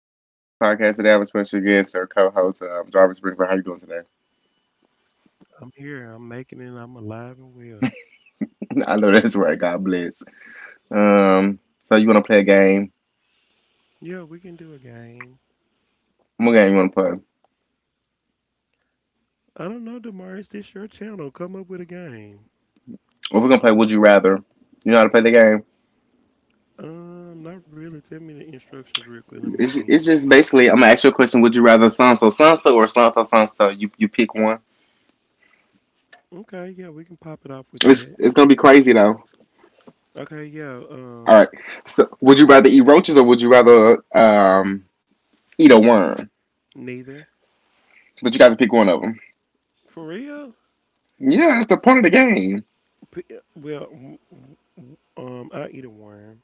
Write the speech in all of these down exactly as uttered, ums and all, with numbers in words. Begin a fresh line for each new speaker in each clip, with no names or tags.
to the Mauritius podcast. Today I have a special guest, or co-host, um, Jarvis Brinkford. How you doing today?
I'm here. I'm making it. I'm alive and well.
I know that's right. God bless. Um, so you want to play a game?
Yeah, we can do a game.
What game you want to play?
I don't know, Demar. Is this your channel? Come up with a game.
Well, we're gonna play Would You Rather. You know how to play the game.
Um, not really. Tell me the instructions real quick. Let me
It's,
see.
it's just basically I'm gonna ask you a question. Would you rather Sansa, Sansa, or Sansa, Sansa? You you pick one.
Okay, yeah, we can pop it off with
It's
that.
it's gonna be crazy though.
Okay, yeah.
All right.
Um,
So would you rather eat roaches or would you rather um eat a worm?
neither.
But you got to pick one of them.
For real?
Yeah, that's the point of the game.
P- eh, Well, w- w- um, I eat a worm.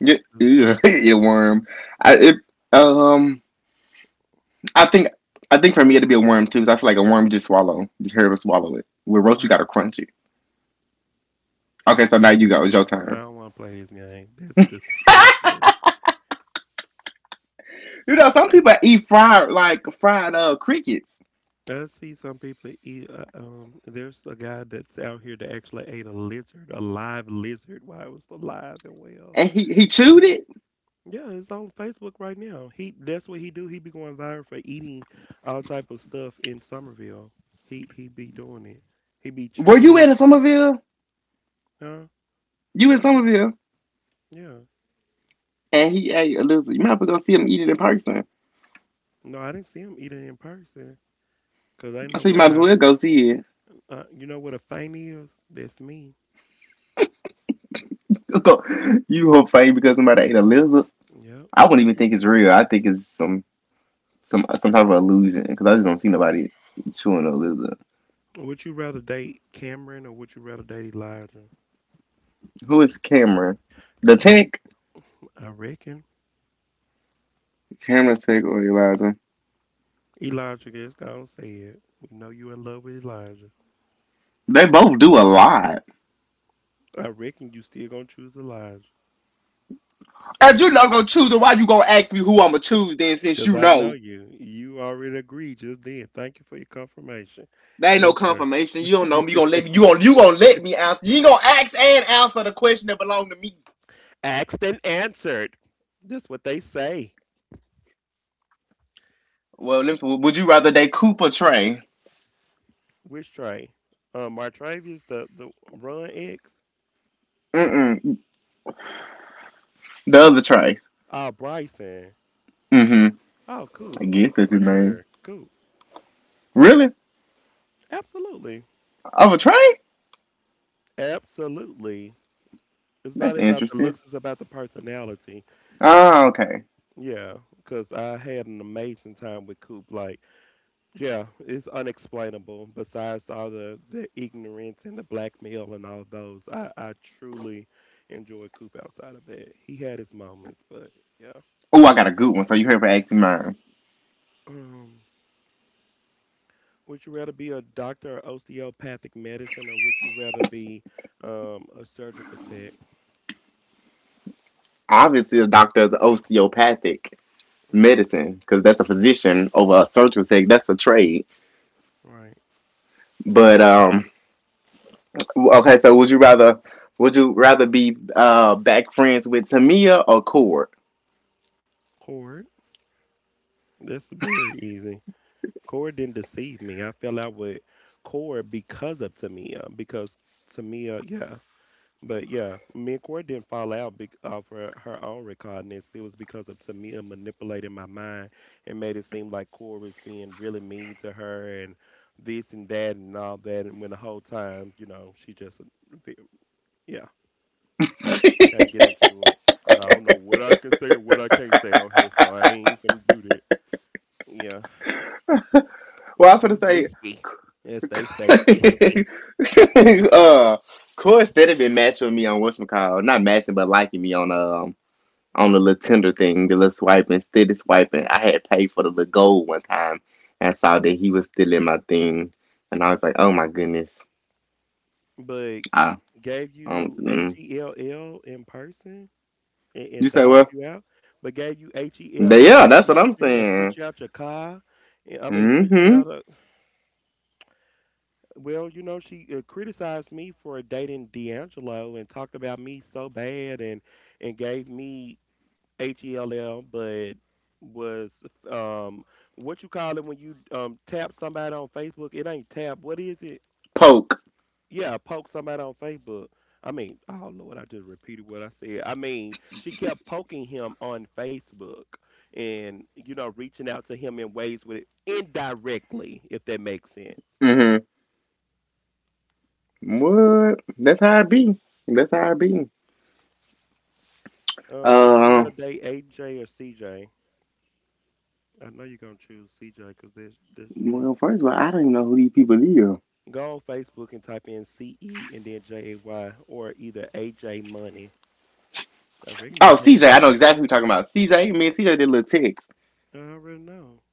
Yeah, ugh, earworm. I it, um I think I think for me it'd be a worm too, 'cause I feel like a worm you just swallow, just hear them swallow it. With roach, you
Right.
gotta crunch it.
That's
Okay, so
the
now you
last
go. It's
thing.
your
I
turn.
don't want to play this game. That's disgusting.
You know, some people eat fried like fried uh crickets,
I see some people eat. Uh, um, there's a guy that's out here that actually ate a lizard, a live lizard, while it was alive and well.
and he he chewed it.
Yeah, it's on Facebook right now. He that's what he do. He be going viral for eating all type of stuff in Somerville. He he be doing it. He be
Were
chewing
you
it.
in Somerville?
Huh?
You in Somerville?
Yeah.
And he ate a little. You might as well go see him eat it in person.
No, I didn't see him eat it in person. Cause ain't
I
no
said you might
way
as
I.
well go see it.
Uh, you know what a feint is? That's me.
Go, you whole fame because somebody ate a lizard.
Yep.
I wouldn't
Would
even
you
think it's real. I think it's some. some some type of illusion because I just don't see nobody chewing a lizard.
Would you rather date Cameron or would you rather date Elijah?
Who is Cameron? The
Don't
Tech,
I reckon
Cameron Tech or Eliza?
Elijah just gonna say it. We know you in love with Elijah.
They both do a lot.
I reckon you still gonna choose Elijah.
If you not gonna choose, then why you gonna ask me who I'ma choose then since
Cause
you
I know
know?
you. You already agreed just then. Thank you for your confirmation.
There ain't no
Your turn.
confirmation. You don't know me. You gonna let me you gonna you gonna let me answer. You ain't gonna ask and answer the question that belong to me.
Asked and answered. That's what they say.
Well, let me- would you rather date Coop or Trey?
Which Trey? Uh, Martravius, the the run X.
Mm-mm. The other Trey.
Oh, Bryson.
Mm-hmm.
Oh,
I
cool.
guess that's his
For
name.
sure. Cool.
Really?
Absolutely.
Of a Trey?
Absolutely. It's
That's
not about the
interesting.
looks. It's about the personality.
Oh, okay.
Yeah, because I had an amazing time with Coop. Like, yeah, it's unexplainable. Besides all the the ignorance and the blackmail and all those, I I truly enjoyed Coop. Outside of that, he had his moments, but yeah,
Oh, I
Coop.
got a good one. So you heard for asking mine.
Um, would you rather be a doctor of osteopathic medicine, or would you rather be um a surgical tech?
Obviously, the doctor is osteopathic
Mm,
medicine because that's a physician over a surgical tech. That's a trade.
Right,
But um, okay. So would you rather would you rather be uh back friends with Tamia or Cord?
Cord. That's very easy. Cora didn't deceive me. I fell out with Cora because of Tamia. Because Tamia, yeah. But yeah, me and Cora didn't fall out bec off her, her own recordness. It was because of Tamia manipulating my mind and made it seem like Cora was being really mean to her and this and that and all that. And when the whole time, you know, she just, yeah, can't get into it. I don't know what I can say and what I can't say on here, so I ain't even do that. Yeah,
Well, I was
too
gonna
risky, as they say, risky.
say, uh, Cord instead of been matching with me on what's called not matching but liking me on um on the little Tinder thing, the little swiping, instead swiping, I had to pay for the little gold one time. And I saw that he was still in my thing. And I was like, oh my goodness.
But
I,
gave
um,
you H
mm.
E L L in person and,
You
and
say
dogged
what?
you out, but gave you H E L L
Yeah,
in
that's what I'm
person and put
saying.
you out your car. And- I mean, put you
Mm-hmm.
out. Of, well, you know, she uh, criticized me for dating D'Angelo and talked about me so bad and and gave me H E L L, but was um what you call it when you um tap somebody on Facebook? It ain't tap. What is it?
Poke.
Yeah, poke somebody on Facebook. I mean, oh Lord, I just repeated what I said. I mean, she kept poking him on Facebook and, you know, reaching out to him in ways with indirectly, if that makes sense.
Mm-hmm.
Yeah.
What? That's how it be. That's how it be.
Uh, would you
Uh,
rather date A J or C J? I know you're gonna choose C J because there's there's you that
well,
type
first of
of
all, I
person.
don't even know who these people are.
Go on Facebook and type in C E and then J A Y or either A J Money. I reckon I
Oh, C J.
dated
I know
both.
exactly who you're talking about. C J. Me and C J did a little text.
I already know.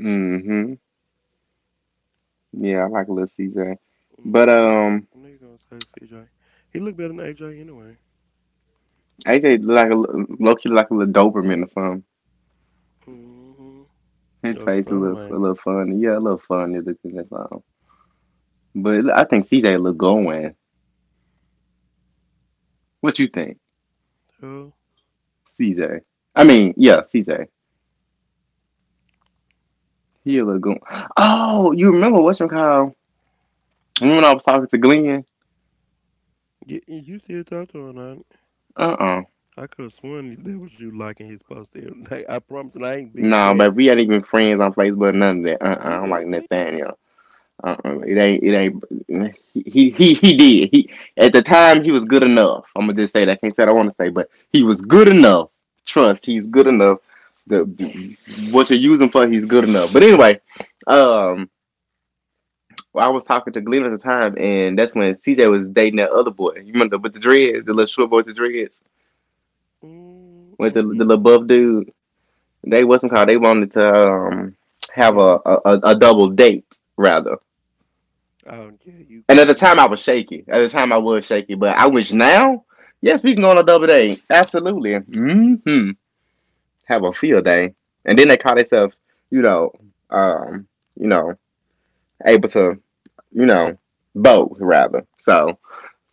Mm-hmm. Yeah, I like a little C J. But,
Mm. Mhm.
um...
I knew you were gonna say C J. He looked better than A J anyway.
A J look like a low key like a little Doberman or something.
Mm hmm.
His
Your
face a
son,
little a
ain't
little
it?
fun. Yeah, a little funny looking or something. But I think C J look going. What you think,
Huh?
C J? I mean, yeah, C J. He a little going. Oh, you remember what's your call? When I was talking to Glenn.
Yeah, you still talk to him, honey.
Uh uh
I could have sworn that was you liking his post every day. I promise you, I ain't being
No, but
cat.
we ain't even friends on Facebook. None of that. Uh uh I don't
He
like
ugly.
Nathaniel. Uh-uh, it ain't. It ain't. He he he did. He At the time he was good enough. I'm gonna just say that. I can't say what I want to say, but he was good enough. Trust. He's good enough. The, the- what you use him for, he's good enough. But anyway, um, well, I was talking to Glenn at the time, and that's when C J was dating that other boy. You remember with the dreads, the little short boy with the dreads,
Mm,
with the, the
mm-mm.
little buff dude. They wasn't called. They wanted to um have
Yeah.
a a, a a double date, rather.
Oh, yeah. You,
And at the
you.
time, I was shaky. At the time, I was shaky, but I wish now, yes, we can go on a double date. Absolutely. Hmm. Have a field day. And then they call themselves, you know, um, you know, able to, you know, both rather. So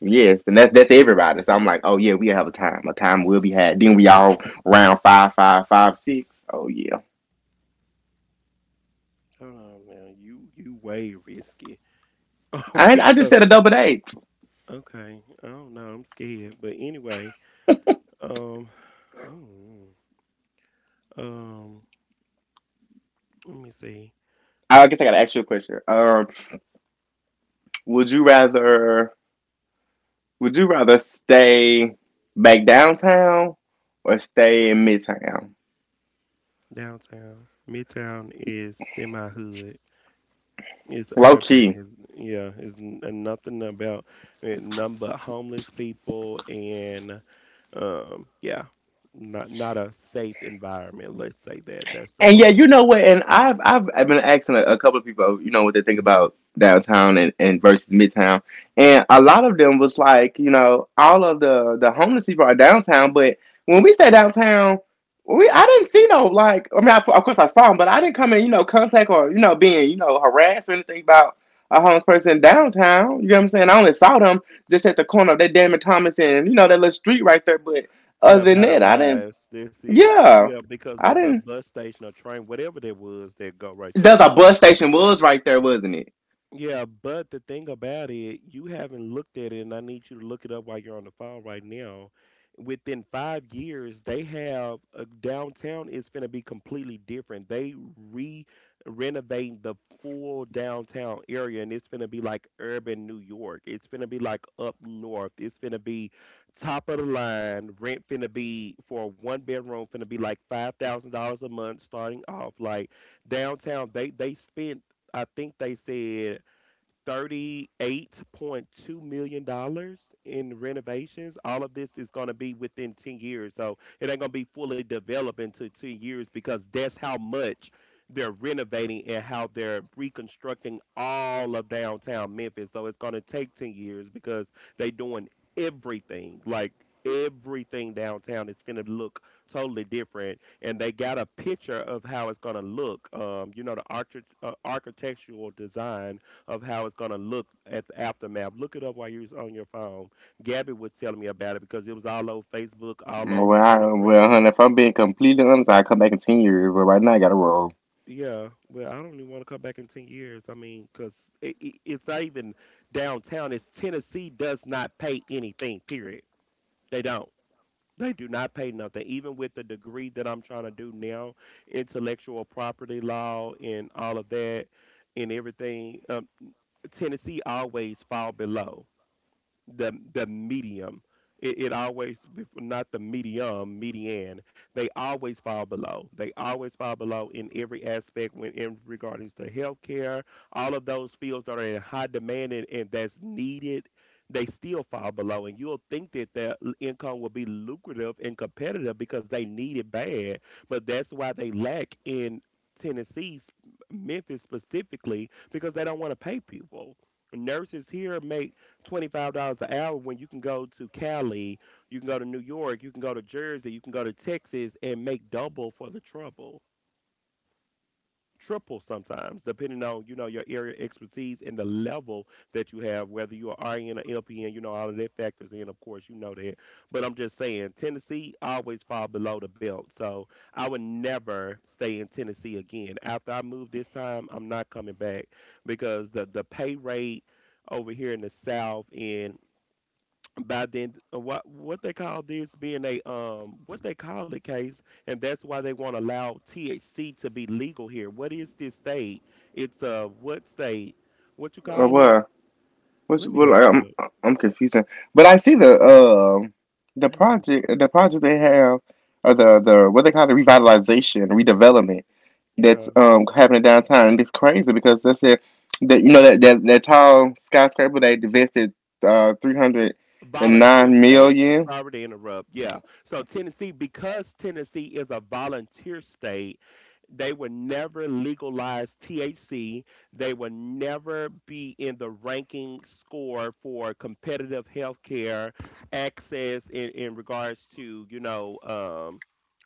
yes, and that's that's everybody. So I'm like, oh yeah, we have a time. A time will be had. Then we all round five, five, five, six. Oh yeah.
Hold on now. You, you way risky. Oh,
I
we
I just
go.
said a double date.
Okay. I don't know. I'm scared. But anyway. Um. mm, um. Let me see.
I guess I got an actual question. Um, would you rather? Would you rather stay back downtown or stay in Midtown?
Downtown. Midtown is semi hood. It's
Low
urban.
key.
It's, yeah, it's n- uh, nothing about it, none but homeless people and um yeah, not not a safe environment. Let's say that. That's the
And yeah,
proper.
you know what? And I've I've, I've been asking a, a couple of people, you know, what they think about downtown and, and versus midtown, and a lot of them was like, you know, all of the the homeless people are downtown, but when we say downtown, we I didn't see no, like. I mean, I, of course I saw them, but I didn't come in, you know, contact or you know, being you know harassed or anything about a homeless person downtown. You know what I'm saying? I only saw them just at the corner of that Damon Thomas and you know that little street right there, but other
Yeah,
than
by the
that, I didn't.
rise. That's it.
Yeah,
Yeah, because
I
of the
didn't.
bus station or train, whatever there was, that go right there.
There's a bus station was right there, wasn't it?
Yeah, but the thing about it, you haven't looked at it, and I need you to look it up while you're on the phone right now. Within five years, they have a downtown is going to be completely different. They re renovating the full downtown area, and it's going to be like urban New York. It's going to be like up north. It's going to be top of the line. Rent going to be for a one bedroom going to be like five thousand dollars a month starting off. Like downtown, they they spent. I think they said thirty-eight point two million dollars in renovations. All of this is going to be within ten years. So it ain't going to be fully developed into ten years because that's how much they're renovating and how they're reconstructing all of downtown Memphis. So it's going to take ten years because they doing everything. Like everything downtown is going to look totally different and they got a picture of how it's going to look um you know the archi- uh, architectural design of how it's going to look at the aftermath. Look it up while you're on your phone. Gabby was telling me about it because it was all over Facebook, all over
Well,
Channel
I,
three
well, honey,
News.
if I'm being completely honest, I'll come back in ten years, but right now I gotta roll.
Yeah, well, I don't even want to come back in ten years. I mean, because it, it, it's not even downtown. It's Tennessee does not pay anything, period. They don't. They do not pay nothing. Even with the degree that I'm trying to do now, intellectual property law and all of that and everything, um, Tennessee always fall below. the the medium. It, it always bef- not the medium, median. They always fall below. They always fall below in every aspect when in regarding to healthcare, all of those fields that are in high demand and, and that's needed. They still fall below, and you'll think that their l- income will be lucrative and competitive because they need it bad. But that's why they lack in Tennessee, s- Memphis specifically, because they don't want to pay people nurses here make twenty-five dollars an hour when you can go to Cali, you can go to New York, you can go to Jersey, you can go to Texas and make double for the trouble, triple sometimes, depending on, you know, your area expertise and the level that you have, whether you are R N or L P N, you know, all of that factors in, of course, you know that. But I'm just saying, Tennessee always fall below the belt. So I would never stay in Tennessee again. After I move this time, I'm not coming back because the, the pay rate over here in the South and by then uh, what what they call this being a um what they call it case and that's why they want to allow T H C to be legal here. What is this state? It's uh what state? What you
Uh,
call it?
well, what's
Let me
well,
look it
I'm
up.
I'm confusing. But I see the um the
Let me,
project the project they have or the the what they call the revitalization redevelopment that's
yeah,
um happening downtown, and it's crazy because that's it that you know that that, that tall skyscraper they invested uh three hundred and
volunteer
nine
state.
million
Sorry to interrupt. Yeah. So Tennessee, because Tennessee is a volunteer state, they would never legalize T H C. They would never be in the ranking score for competitive healthcare access in, in regards to, you know, um,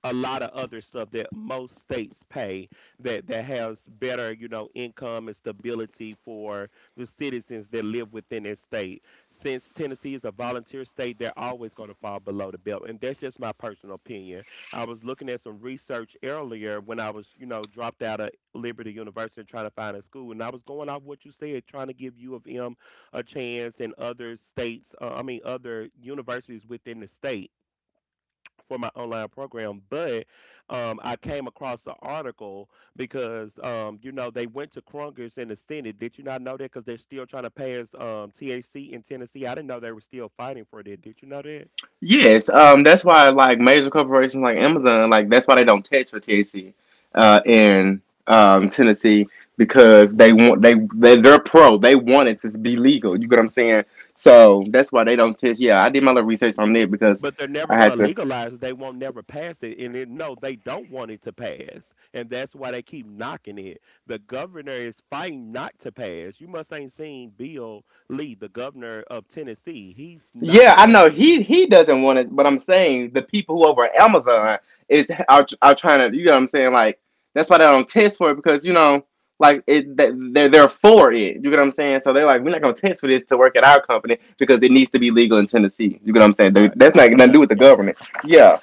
a lot of other stuff that most states pay that, that has better, you know, income and stability for the citizens that live within that state since Tennessee is a volunteer state, they're always going to fall below the belt. And that's just my personal opinion. I was looking at some research earlier when I was, you know, dropped out of Liberty University and trying to find a school. And I was going off what you said, trying to give U of M a chance and other states, uh, I mean, other universities within the state for my online program, but um, I came across the article because um, you know they went to Congress in the Senate. Did you not know that? Because they're still trying to pass um, T H C in Tennessee. I didn't know they were still fighting for that. Did you know that?
Yes, um, that's why like major corporations like Amazon, like that's why they don't tax for T H C uh, in um, Tennessee, because they want they they they're pro. They want it to be legal. You get what I'm saying? So that's why they don't tax. Yeah, I did my little research on it because
But they're never
I
going
had
to
to.
legalize it. They won't never pass it. And it, no, they don't want it to pass. And that's why they keep knocking it. The governor is fighting not to pass. You must ain't seen Bill Lee, the governor of Tennessee. He's not
Yeah, I know
passing it.
he he doesn't want it, but I'm saying the people who over at Amazon is are are trying to, you know what I'm saying, like that's why they don't test for it, because you know like it they- they're they're for it, you get what I'm saying, so they're like, we're not gonna test for this to work at our company because it needs to be legal in Tennessee, you get what I'm saying. They-
Right.
that's not
Oh,
nothing to do
gotcha,
with the
gotcha.
government. Yeah.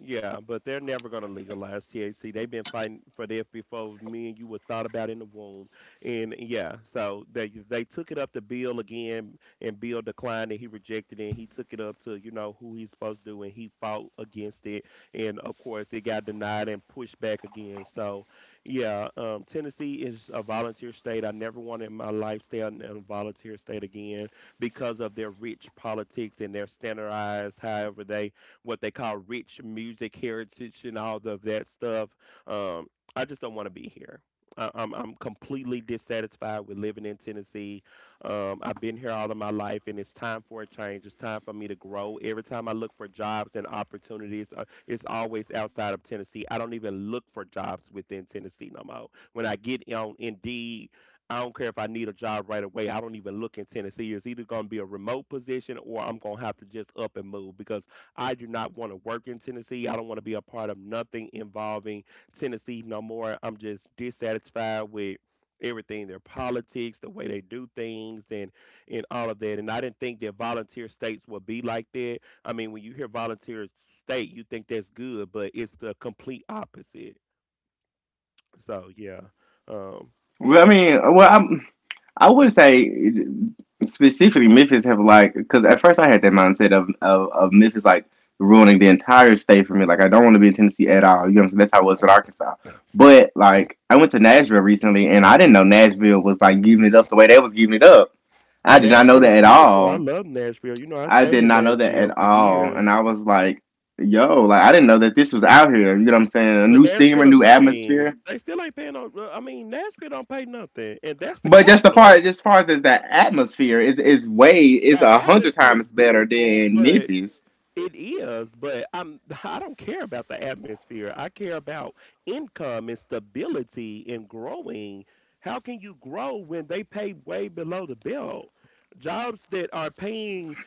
Yeah, but they're never going to legalize T H C. They've been fighting for that before me and you were thought about in the womb. And yeah, so they they took it up to Bill again, and Bill declined and he rejected it. And he took it up to you know who he's supposed to do, and he fought against it. And of course, it got denied and pushed back again. So yeah, um, Tennessee is a volunteer state. I never wanted my lifestyle in a volunteer state again because of their rich politics and their standardized, however they what they call rich music heritage and all of that stuff. Um, I just don't want to be here. I, I'm I'm completely dissatisfied with living in Tennessee. Um, I've been here all of my life, and it's time for a change. It's time for me to grow. Every time I look for jobs and opportunities, uh, it's always outside of Tennessee. I don't even look for jobs within Tennessee no more. When I get on Indeed, I don't care if I need a job right away. I don't even look in Tennessee. It's either going to be a remote position or I'm going to have to just up and move because I do not want to work in Tennessee. I don't want to be a part of nothing involving Tennessee no more. I'm just dissatisfied with everything, their politics, the way they do things, and and all of that. And I didn't think that volunteer states would be like that. I mean, when you hear volunteer state, you think that's good, but it's the complete opposite. So yeah, um,
Well, I
yeah.
mean, well, I'm, I would say specifically Memphis have like, because at first I had that mindset of, of of Memphis like ruining the entire state for me. Like I don't want to be in Tennessee at all. You know what I'm saying? That's how it was with Arkansas. But like I went to Nashville recently and I didn't know Nashville was like giving it up the way they was giving it up. I did not know
Nashville
that
is
at
beautiful. I
all.
love Nashville. You know, I
I
stayed
did
in
not know that
Nashville
at
for
all.
years.
And I was like, yo, like I didn't know that this was out here. You know what I'm saying? A
But
new
Nashville
scenery,
the
new
same.
atmosphere.
They still ain't paying no. I mean, Nashville don't pay nothing, and that's the
But just the
capital.
part, as far as the atmosphere is is way
The
is a hundred
atmosphere is
times better
beautiful,
than
but
Memphis.
it is. But I'm. I don't care about the atmosphere. I care about income and stability and growing. How can you grow when they pay way below the belt? Jobs that are paying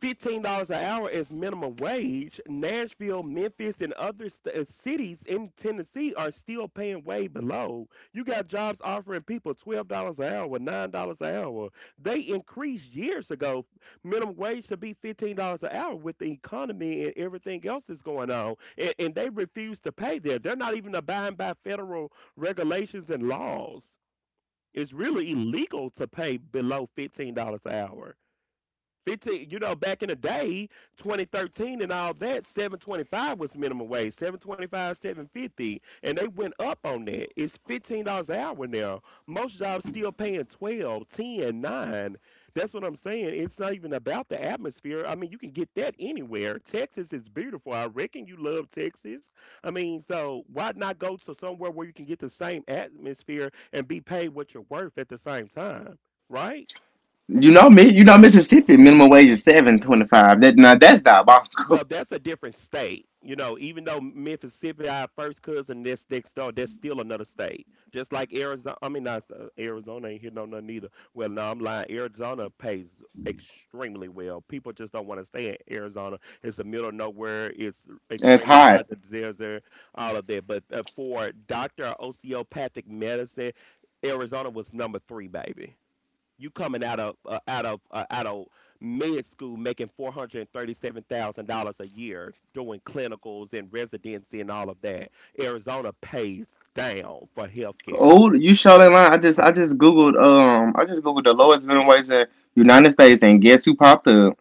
fifteen dollars an hour as minimum wage. Nashville, Memphis, and other st- uh, cities in Tennessee are still paying way below. You got jobs offering people twelve dollars an hour, nine dollars an hour. They increased years ago minimum wage to be fifteen dollars an hour with the economy and everything else that's going on, and, and they refuse to pay there. They're not even abiding by federal regulations and laws. It's really illegal to pay below fifteen dollars an hour. fifteen, you know, back in the day, twenty thirteen and all that, seven twenty-five was minimum wage, seven two five, seven fifty, and they went up on that. It's fifteen dollars an hour now. Most jobs still paying twelve, ten, nine. That's what I'm saying. It's not even about the atmosphere. I mean, you can get that anywhere. Texas is beautiful. I reckon you love Texas. I mean, so why not go to somewhere where you can get the same atmosphere and be paid what you're worth at the same time, right?
You know me, you know Mississippi minimum wage is seven twenty five. That now that's
Well,
diabolical.
that's a different state. You know, even though Mississippi, our first cousin, that's next door, that's still another state. Just like Arizona, I mean, not uh, Arizona ain't hitting on nothing either. Well, no, I'm lying. Arizona pays extremely well. People just don't want to stay in Arizona. It's the middle of nowhere. It's
That's
extremely hot.
hot.
The desert, all of that. But uh, for doctor of osteopathic medicine, Arizona was number three, baby. You coming out of uh, out of uh, out of med school making four hundred and thirty-seven thousand dollars a year doing clinicals and residency and all of that. Arizona pays down for healthcare.
Oh, you showed in line. I just I just googled um I just googled the lowest minimum wage in the United States, and guess who popped up?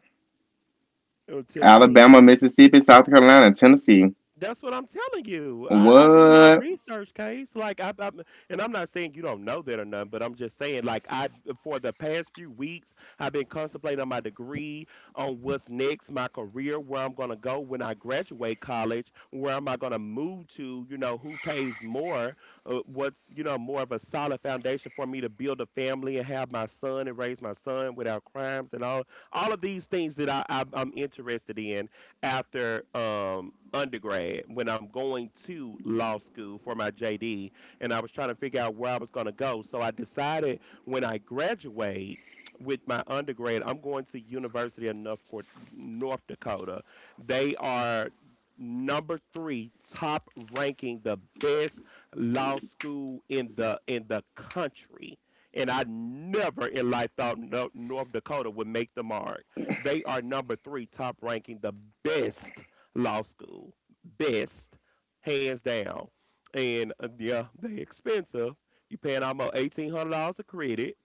You know, Tennessee,
Alabama, Mississippi, South Carolina, Tennessee.
that's what I'm telling you. I, I do my
What?
research, case. Like I, I and I'm not saying you don't know that or nothing, but I'm just saying like I, for the past few weeks, I've been contemplating on my degree, on what's next, my career, where I'm gonna go when I graduate college, where am I gonna move to? You know, who pays more? Uh, what's you know more of a solid foundation for me to build a family and have my son and raise my son without crimes and all all of these things that I, I I'm interested in after um undergrad when I'm going to law school for my J D, and I was trying to figure out where I was going to go. So I decided when I graduate with my undergrad, I'm going to University of North, Cor- North Dakota. They are number three top ranking, the best law school in the in the country. And I never in life thought no, North Dakota would make the mark. They are number three, top ranking, the best law school, best, hands down. And uh, yeah, they expensive. You paying almost eighteen hundred dollars a credit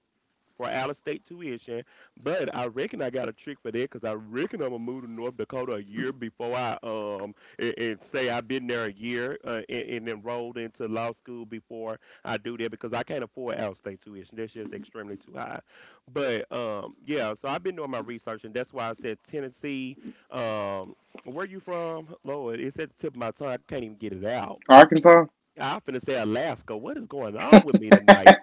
for out of state tuition. But I reckon I got a trick for that, because I reckon I'm gonna move to North Dakota a year before I um and, and say I've been there a year uh, and, and enrolled into law school before I do that, because I can't afford out of state tuition. That's just extremely too high. But um yeah, so I've been doing my research, and that's why I said Tennessee. Um, where you from, Lord? It's at the tip of my tongue. I can't even get it out.
Arkansas?
I'm finna say Alaska. What is going on with me tonight?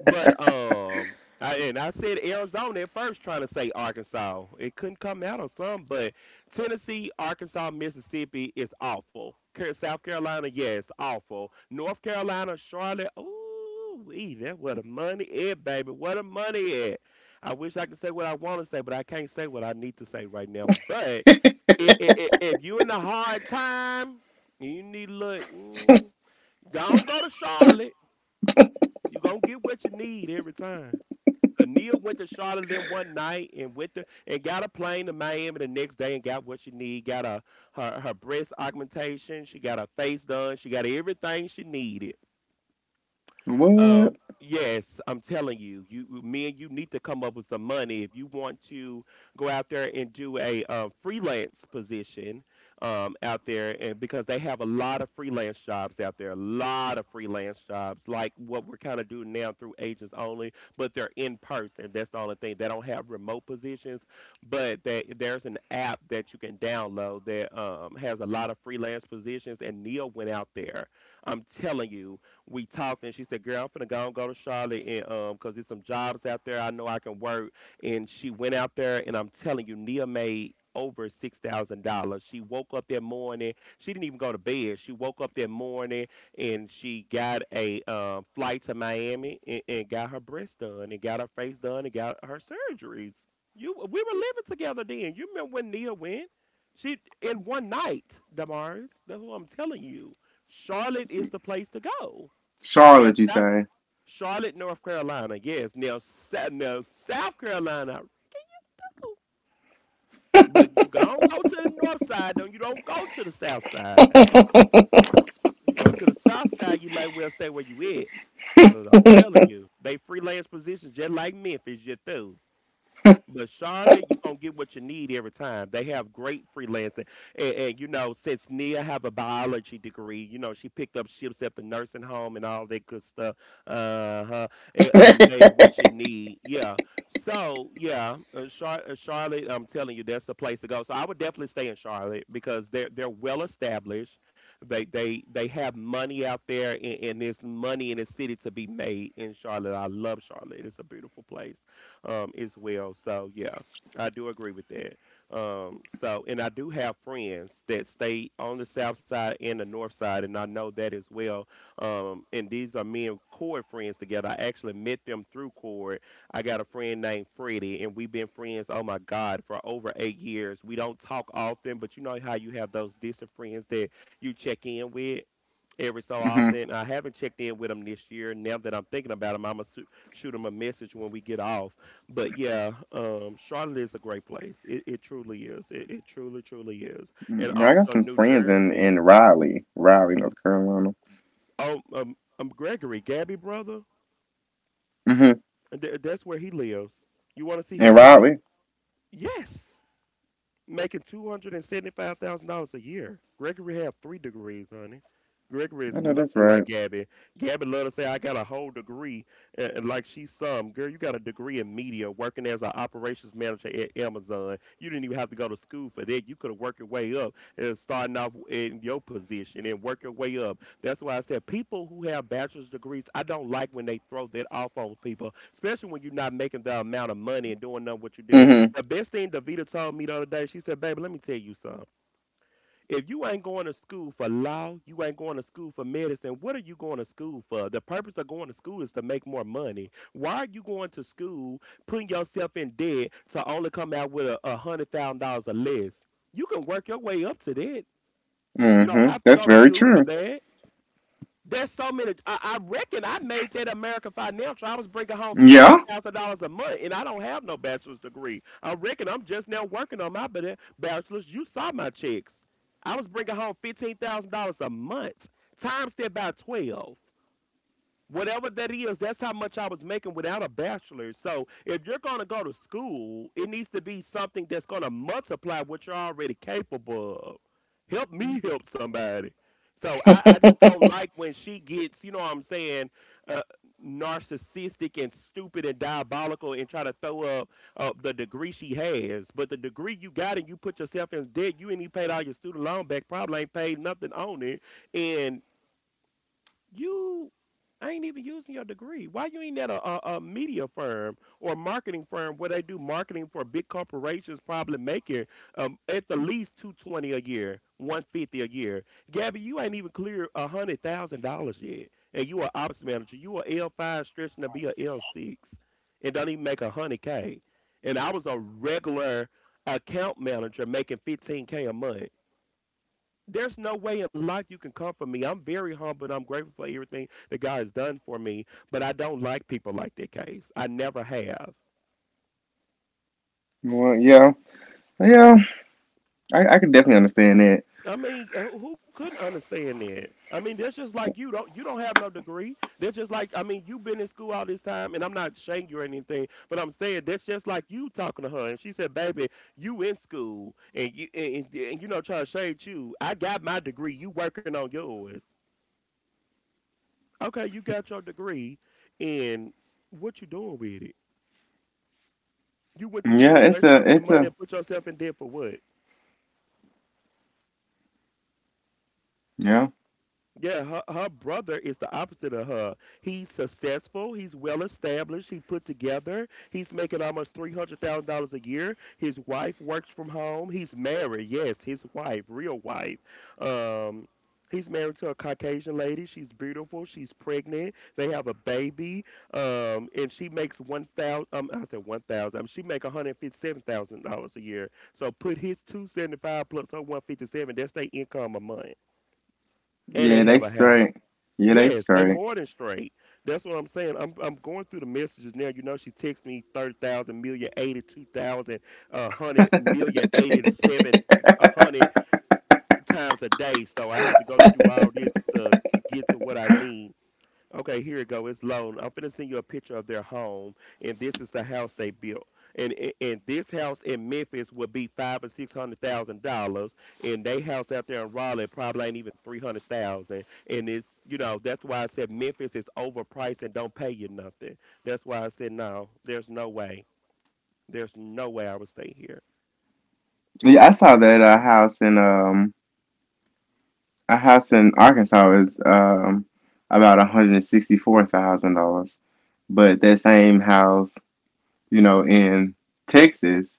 But um, I, and I said Arizona at first, trying to say Arkansas. It couldn't come out on some, but Tennessee, Arkansas, Mississippi is awful. Ca- South Carolina, yes, awful. North Carolina, Charlotte, ooh wee, that where the money at, baby. Where the money at? I wish I could say what I want to say, but I can't say what I need to say right now. But i- i- i- if you in a hard time, you need to look. Mm, don't go to Charlotte. You gonna get what you need every time. 'Cause Nia went to Charlotte then one night and went to and got a plane to Miami the next day and got what she need. Got a, her her breast augmentation. She got her face done. She got everything she needed.
What?
Um, yes, I'm telling you, you me and you need to come up with some money if you want to go out there and do a uh, freelance position um, out there, and because they have a lot of freelance jobs out there, a lot of freelance jobs like what we're kind of doing now through agents only, but they're in person. That's the only thing. They don't have remote positions, but that there's an app that you can download that um, has a lot of freelance positions, and Neil went out there. I'm telling you, we talked, and she said, "Girl, I'm finna go and go to Charlotte, and um, cause there's some jobs out there I know I can work." And she went out there, and I'm telling you, Nia made over six thousand dollars. She woke up that morning. She didn't even go to bed. She woke up that morning and she got a um, flight to Miami and, and got her breast done and got her face done and got her surgeries. You, we were living together then. You remember when Nia went? She in one night, Damaris. That's what I'm telling you. Charlotte is the place to go. Now,
Charlotte, you
South
say?
Charlotte, North Carolina. Yes. Now, South, now South Carolina. But you don't go to the north side. Don't you? Don't go to the south side. You go to the south side. You might well stay where you at. Cause I'm telling
Hmm.
you, they freelance positions just like Memphis. Just do. But Charlotte, you're gonna get what you need every time. They have great freelancing. And, and you know, since Nia have a biology degree, you know, she picked up shifts at the nursing home and all that good stuff. Uh huh. And um made what you need. Yeah. So yeah, uh, Char- uh, Charlotte, I'm telling you, that's the place to go. So I would definitely stay in Charlotte because they're they're well established. They they they have money out there, and, and there's money in the city to be made in Charlotte. I love Charlotte. It's a beautiful place um, as well. So yeah, I do agree with that. Um, so and I do have friends that stay on the south side and the north side, and I know that as well. Um, and these are me and Cord friends together. I actually met them through Cord. I got a friend named Freddie, and we've been friends, oh my God, for over eight years. We don't talk often, but you know how you have those distant friends that you check in with every so often. I haven't checked in with him this year. Now that I'm thinking about him, I'm gonna su- shoot him a message when we get off. But yeah, um, Charlotte is a great place. It, it truly is. It, it truly, truly is. And
Mm. I got
also
some
New
friends in
Jersey.
in Raleigh, Raleigh,
N-
North Carolina.
Oh, um, um, Gregory, Gabby brother.
Hmm.
th- That's where he lives. You want to see
In
his house?
Raleigh,
Yes. Making two hundred and seventy-five thousand dollars a year. Gregory have three degrees, honey. Gregory is
I know that's
nothing like
right.
Gabby. Gabby love to say, I got a whole degree, and, and like she's some girl. You got a degree in media, working as an operations manager at Amazon. You didn't even have to go to school for that. You could have worked your way up, and starting off in your position and work your way up. That's why I said people who have bachelor's degrees, I don't like when they throw that off on people, especially when you're not making the amount of money and doing none what you did.
Hmm.
The best thing Davita told me the other day, she said, Baby, let me tell you something. If you ain't going to school for law, you ain't going to school for medicine, what are you going to school for? The purpose of going to school is to make more money. Why are you going to school, putting yourself in debt to only come out with a, a $100,000 or less? You can work your way up to that. You don't
Hmm.
have to go
That's
to
very
school for
true.
that. There's so many. I, I reckon I made that American Financial. I was bringing home fifteen
Yeah.
thousand dollars a month, and I don't have no bachelor's degree. I reckon I'm just now working on my ba- bachelor's. You saw my checks. I was bringing home fifteen thousand dollars a month. Times that by twelve, whatever that is, that's how much I was making without a bachelor. So if you're going to go to school, it needs to be something that's going to multiply what you're already capable of, help me help somebody. So i, I just don't like when she gets, you know what I'm saying, uh, narcissistic and stupid and diabolical and try to throw up uh, the degree she has. But the degree you got, and you put yourself in debt, you ain't even paid all your student loan back, probably ain't paid nothing on it, and you ain't even using your degree. Why you ain't at a, a, a media firm or a marketing firm where they do marketing for big corporations, probably making, um, at the least, two twenty a year, one fifty a year. Gabby, you ain't even clear a hundred thousand dollars yet, and you are ops manager. You are L five stretching to be a L six, and don't even make a hundred k. And I was a regular account manager making fifteen k a month. There's no way in life you can comfort me. I'm very humble and I'm grateful for everything that God has done for me, but I don't like people like that, Case. I never have.
Well, yeah, yeah. I I can definitely understand that.
I mean, uh, who couldn't understand that? I mean, that's just like, you don't you don't have no degree. They're just like, I mean, you've been in school all this time, and I'm not shaming you or anything, but I'm saying, that's just like you talking to her, and she said, "Baby, you in school, and you and, and, and you know, trying to shade you. I got my degree. You working on yours." Okay, you got your degree, and what you doing with it? You went to school
Yeah,
to
it's
waste
a
your
it's
money
a
and put yourself in debt for what?
yeah,
Yeah, her, her brother is the opposite of her. He's successful. He's well established. He put together. He's making almost three hundred thousand dollars a year. His wife works from home. He's married. Yes, his wife, real wife. Um, he's married to a Caucasian lady. She's beautiful. She's pregnant. They have a baby. Um, and she makes one thousand. Um, I said one thousand. Um, she make one hundred fifty-seven thousand dollars a year. So put his two seventy-five plus her one fifty-seven. That's their income a month. And they
yeah,
have
they
a house.
straight. Yeah, they
Yes, they
straight.
more than straight. That's what I'm saying. I'm I'm going through the messages now. You know, she texts me thirty thousand million, eighty-two thousand, uh, one hundred million, eighty-seven, one hundred times a day. So I have to go through all this to g- get to what I need. Okay, here you go. It's loan. I'm finna send you a picture of their home, and this is the house they built. And and, and this house in Memphis would be five or six hundred thousand dollars, and they house out there in Raleigh probably ain't even three hundred thousand. And it's, you know, that's why I said Memphis is overpriced and don't pay you nothing. That's why I said no. There's no way. There's no way I would stay here.
Yeah, I
Why?
saw
Well,
that uh,
no.
house in um a house in Arkansas is um, about one hundred sixty-four thousand dollars, but that same house, you know, in Texas,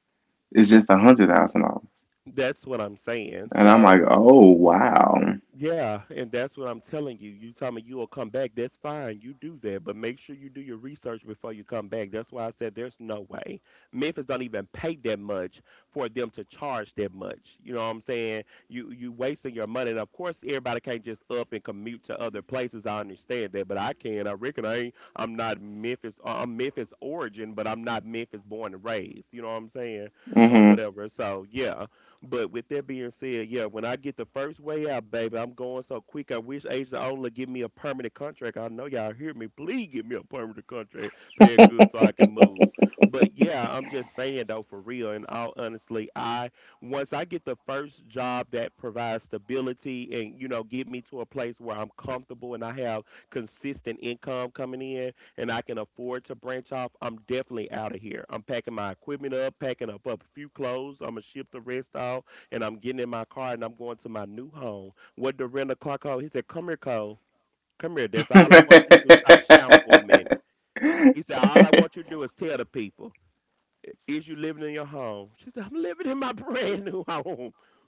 is just a hundred thousand dollars.
That's what I'm saying.
And I'm like,
So
oh wow.
yeah, and that's what I'm telling you. You tell me you will come back, that's fine. You do that, but make sure you do your research before you come back. That's why I said there's no way. Memphis don't even pay that much for them to charge that much. You know what I'm saying? You you wasting your money. And of course everybody can't just up and commute to other places. I understand that, but I can. I reckon I ain't I'm not Memphis, uh, I'm Memphis origin, but I'm not Memphis born and raised. You know what I'm saying? Or
Hmm.
whatever. So yeah. But with that being said, yeah, when I get the first way out, baby, I'm going so quick. I wish Agent Ola give me a permanent contract. I know y'all hear me. Please give me a permanent contract, paying good so I can move. But yeah, I'm just saying though, for real, and all honestly, I, once I get the first job that provides stability and, you know, get me to a place where I'm comfortable and I have consistent income coming in, and I can afford to branch off, I'm definitely out of here. I'm packing my equipment up, packing up, up a few clothes. I'm gonna ship the rest out, and I'm getting in my car and I'm going to my new home. What the rental car called? He said, "Come here, Cole. Come here. That's all I want you to do. Stop shouting for a minute." He said, "All I want you to do is tell the people." Is you living in your home? She said, I'm living in my brand new home.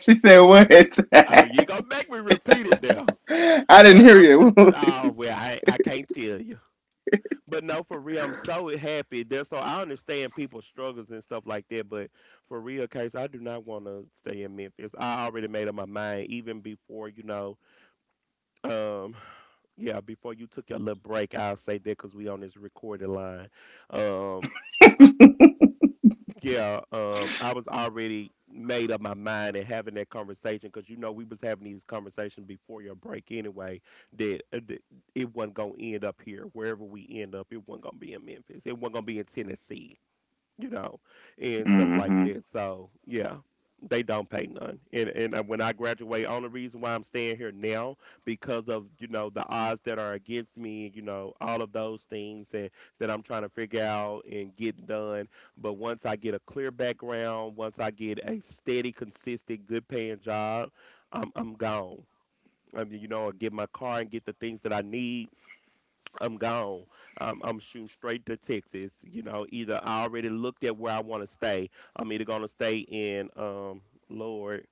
She said what?
Oh, you gonna make me repeat it now.
I didn't
But
hear
I'm
you.
just, oh, well, I, I can't tell you. But no, for real, I'm so happy. That, so I understand people's struggles and stuff like that. But for real, Case, I do not want to stay in Memphis. I already made up my mind even before, you know. Um, yeah, before you took your little break, I'll say that because we on this recorded line. Um, yeah, um, I was already made up my mind and having that conversation because, you know, we was having these conversations before your break anyway. That, uh, that it wasn't gonna end up here. Wherever we end up, it wasn't gonna be in Memphis. It wasn't gonna be in Tennessee. You know, and stuff like
Mm-hmm.
that. So yeah, they don't pay none. And and uh, when I graduate, only reason why I'm staying here now, because of, you know, the odds that are against me, you know, all of those things that that I'm trying to figure out and get done. But once I get a clear background, once I get a steady, consistent, good paying job, I'm I'm gone. I mean, you know, I get my car and get the things that I need, I'm gone. I'm, I'm shooting straight to Texas. You know, either, I already looked at where I want to stay. I'm either gonna stay in, um, Lord,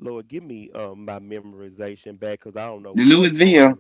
Lord, give me um my memorization back because I don't know what's going
Louisville,
on.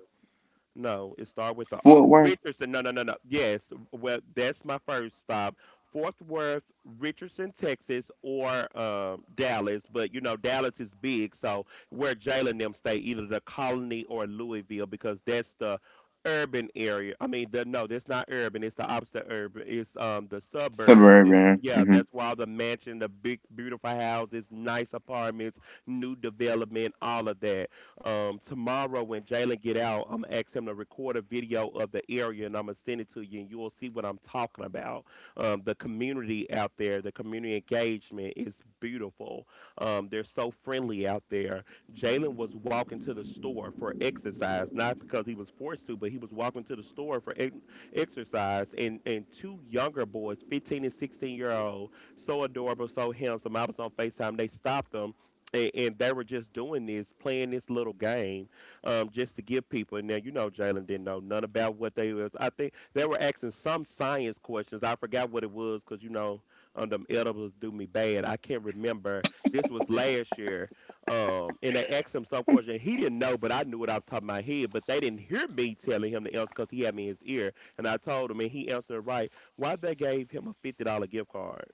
No, it started with the R.
Fort Worth,
Richardson. No, no, no, no. Yes. Well, that's my first stop. Fort Worth, Richardson, Texas, or um, Dallas. But, you know, Dallas is big. So where Jalen them stay, either the Colony or Louisville, because that's the urban area. I mean, the, no, that's not urban. It's the opposite urban. It's um the suburbs. It's,
suburban.
yeah,
Mm-hmm.
that's why the mansion, the big, beautiful houses, nice apartments, new development, all of that. Um, tomorrow when Jalen get out, I'm gonna ask him to record a video of the area, and I'm gonna send it to you, and you'll see what I'm talking about. Um, the community out there, the community engagement is beautiful. Um, they're so friendly out there. Jalen was walking to the store for exercise, not because he was forced to, but he was walking to the store for ex- exercise. And and two younger boys, fifteen and sixteen year old, so adorable, so handsome. I was on FaceTime. They stopped him and, and they were just doing this, playing this little game, um, just to give people. Now you know Jalen didn't know none about what they was. I think they were asking some science questions. I forgot what it was because you know um, them edibles do me bad. I can't remember. This was last year, um, and they asked him some question. He didn't know, but I knew it off the top of my head. But they didn't hear me telling him the answer because he had me in his ear, and I told him, and he answered right. Why they gave him a fifty dollar gift card?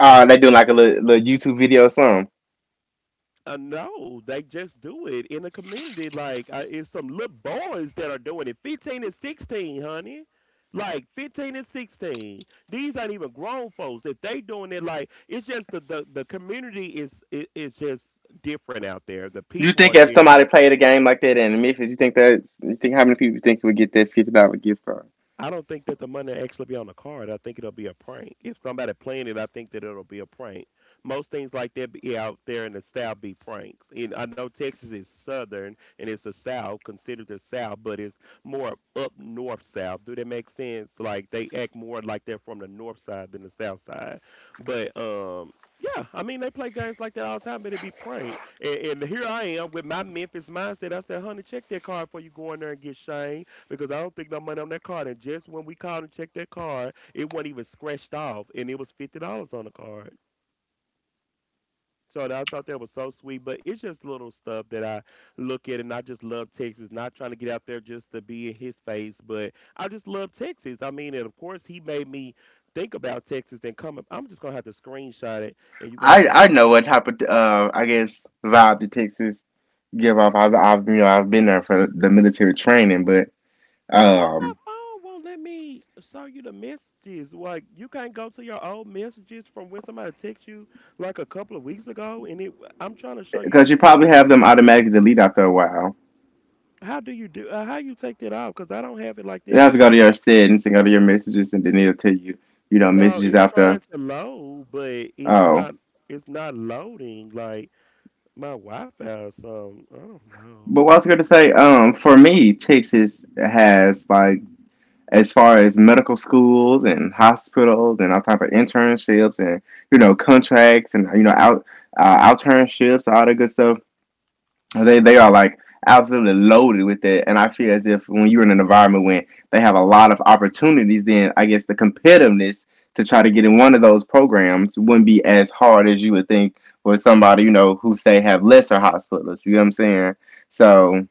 Oh, they do like a little, little YouTube video or something.
Uh, no, they just do it in the community. Like uh, it's some little boys that are doing it, fifteen and sixteen, honey. Like fifteen and sixteen. These aren't even grown folks. If they doing it, like it's just the the, the community is i- is just different out there. The
You
people are
think if somebody
different.
played a game like that in Memphis, you think that you think how many people think would get that fifty dollar gift card?
I don't think that the money will actually be on the card. I think it'll be a prank. If somebody playing it, I think that it'll be a prank. Most things like that be out there in the South be pranks. And I know Texas is Southern and it's the South, considered the South, but it's more up north South. Do that make sense? Like they act more like they're from the north side than the south side. But um, yeah, I mean they play games like that all the time, but it be prank. And, and here I am with my Memphis mindset. I said, "Honey, check that card before you go in there and get Shane," because I don't think no money on that card. And just when we called and checked that card, it wasn't even scratched off, and it was fifty dollars on the card. So I thought that was so sweet, but it's just little stuff that I look at, and I just love Texas. Not trying to get out there just to be in his face, but I just love Texas. I mean, and of course he made me think about Texas and come. I'm just gonna have to screenshot it, and you're gonna have
I
to
I
see.
know what type of uh I guess vibe the Texas give off. I've I've you know I've been there for the military training, but
Why my
um
phone won't let me show you the messages? Like you can't go to your old messages from when somebody text you like a couple of weeks ago, and it. I'm trying to show
because
you
you probably have them automatically delete after a while.
how do you do uh, how you take that off because I don't have it like
You
that.
have to
It's
go to
tr-
your settings and go to your messages, and then it'll tell you you know
no,
messages
it's
after.
trying to load, but it's
Oh.
not. It's not loading like my Wi-Fi or something. I don't know.
But what I was going to say, um, for me, Texas has like as far as medical schools and hospitals and all type of internships and you know contracts and you know out uh, internships, all that good stuff. They they are like absolutely loaded with that, and I feel as if when you're in an environment when they have a lot of opportunities, then I guess the competitiveness to try to get in one of those programs wouldn't be as hard as you would think for somebody you know who say have lesser hospitals. You know what I'm saying? So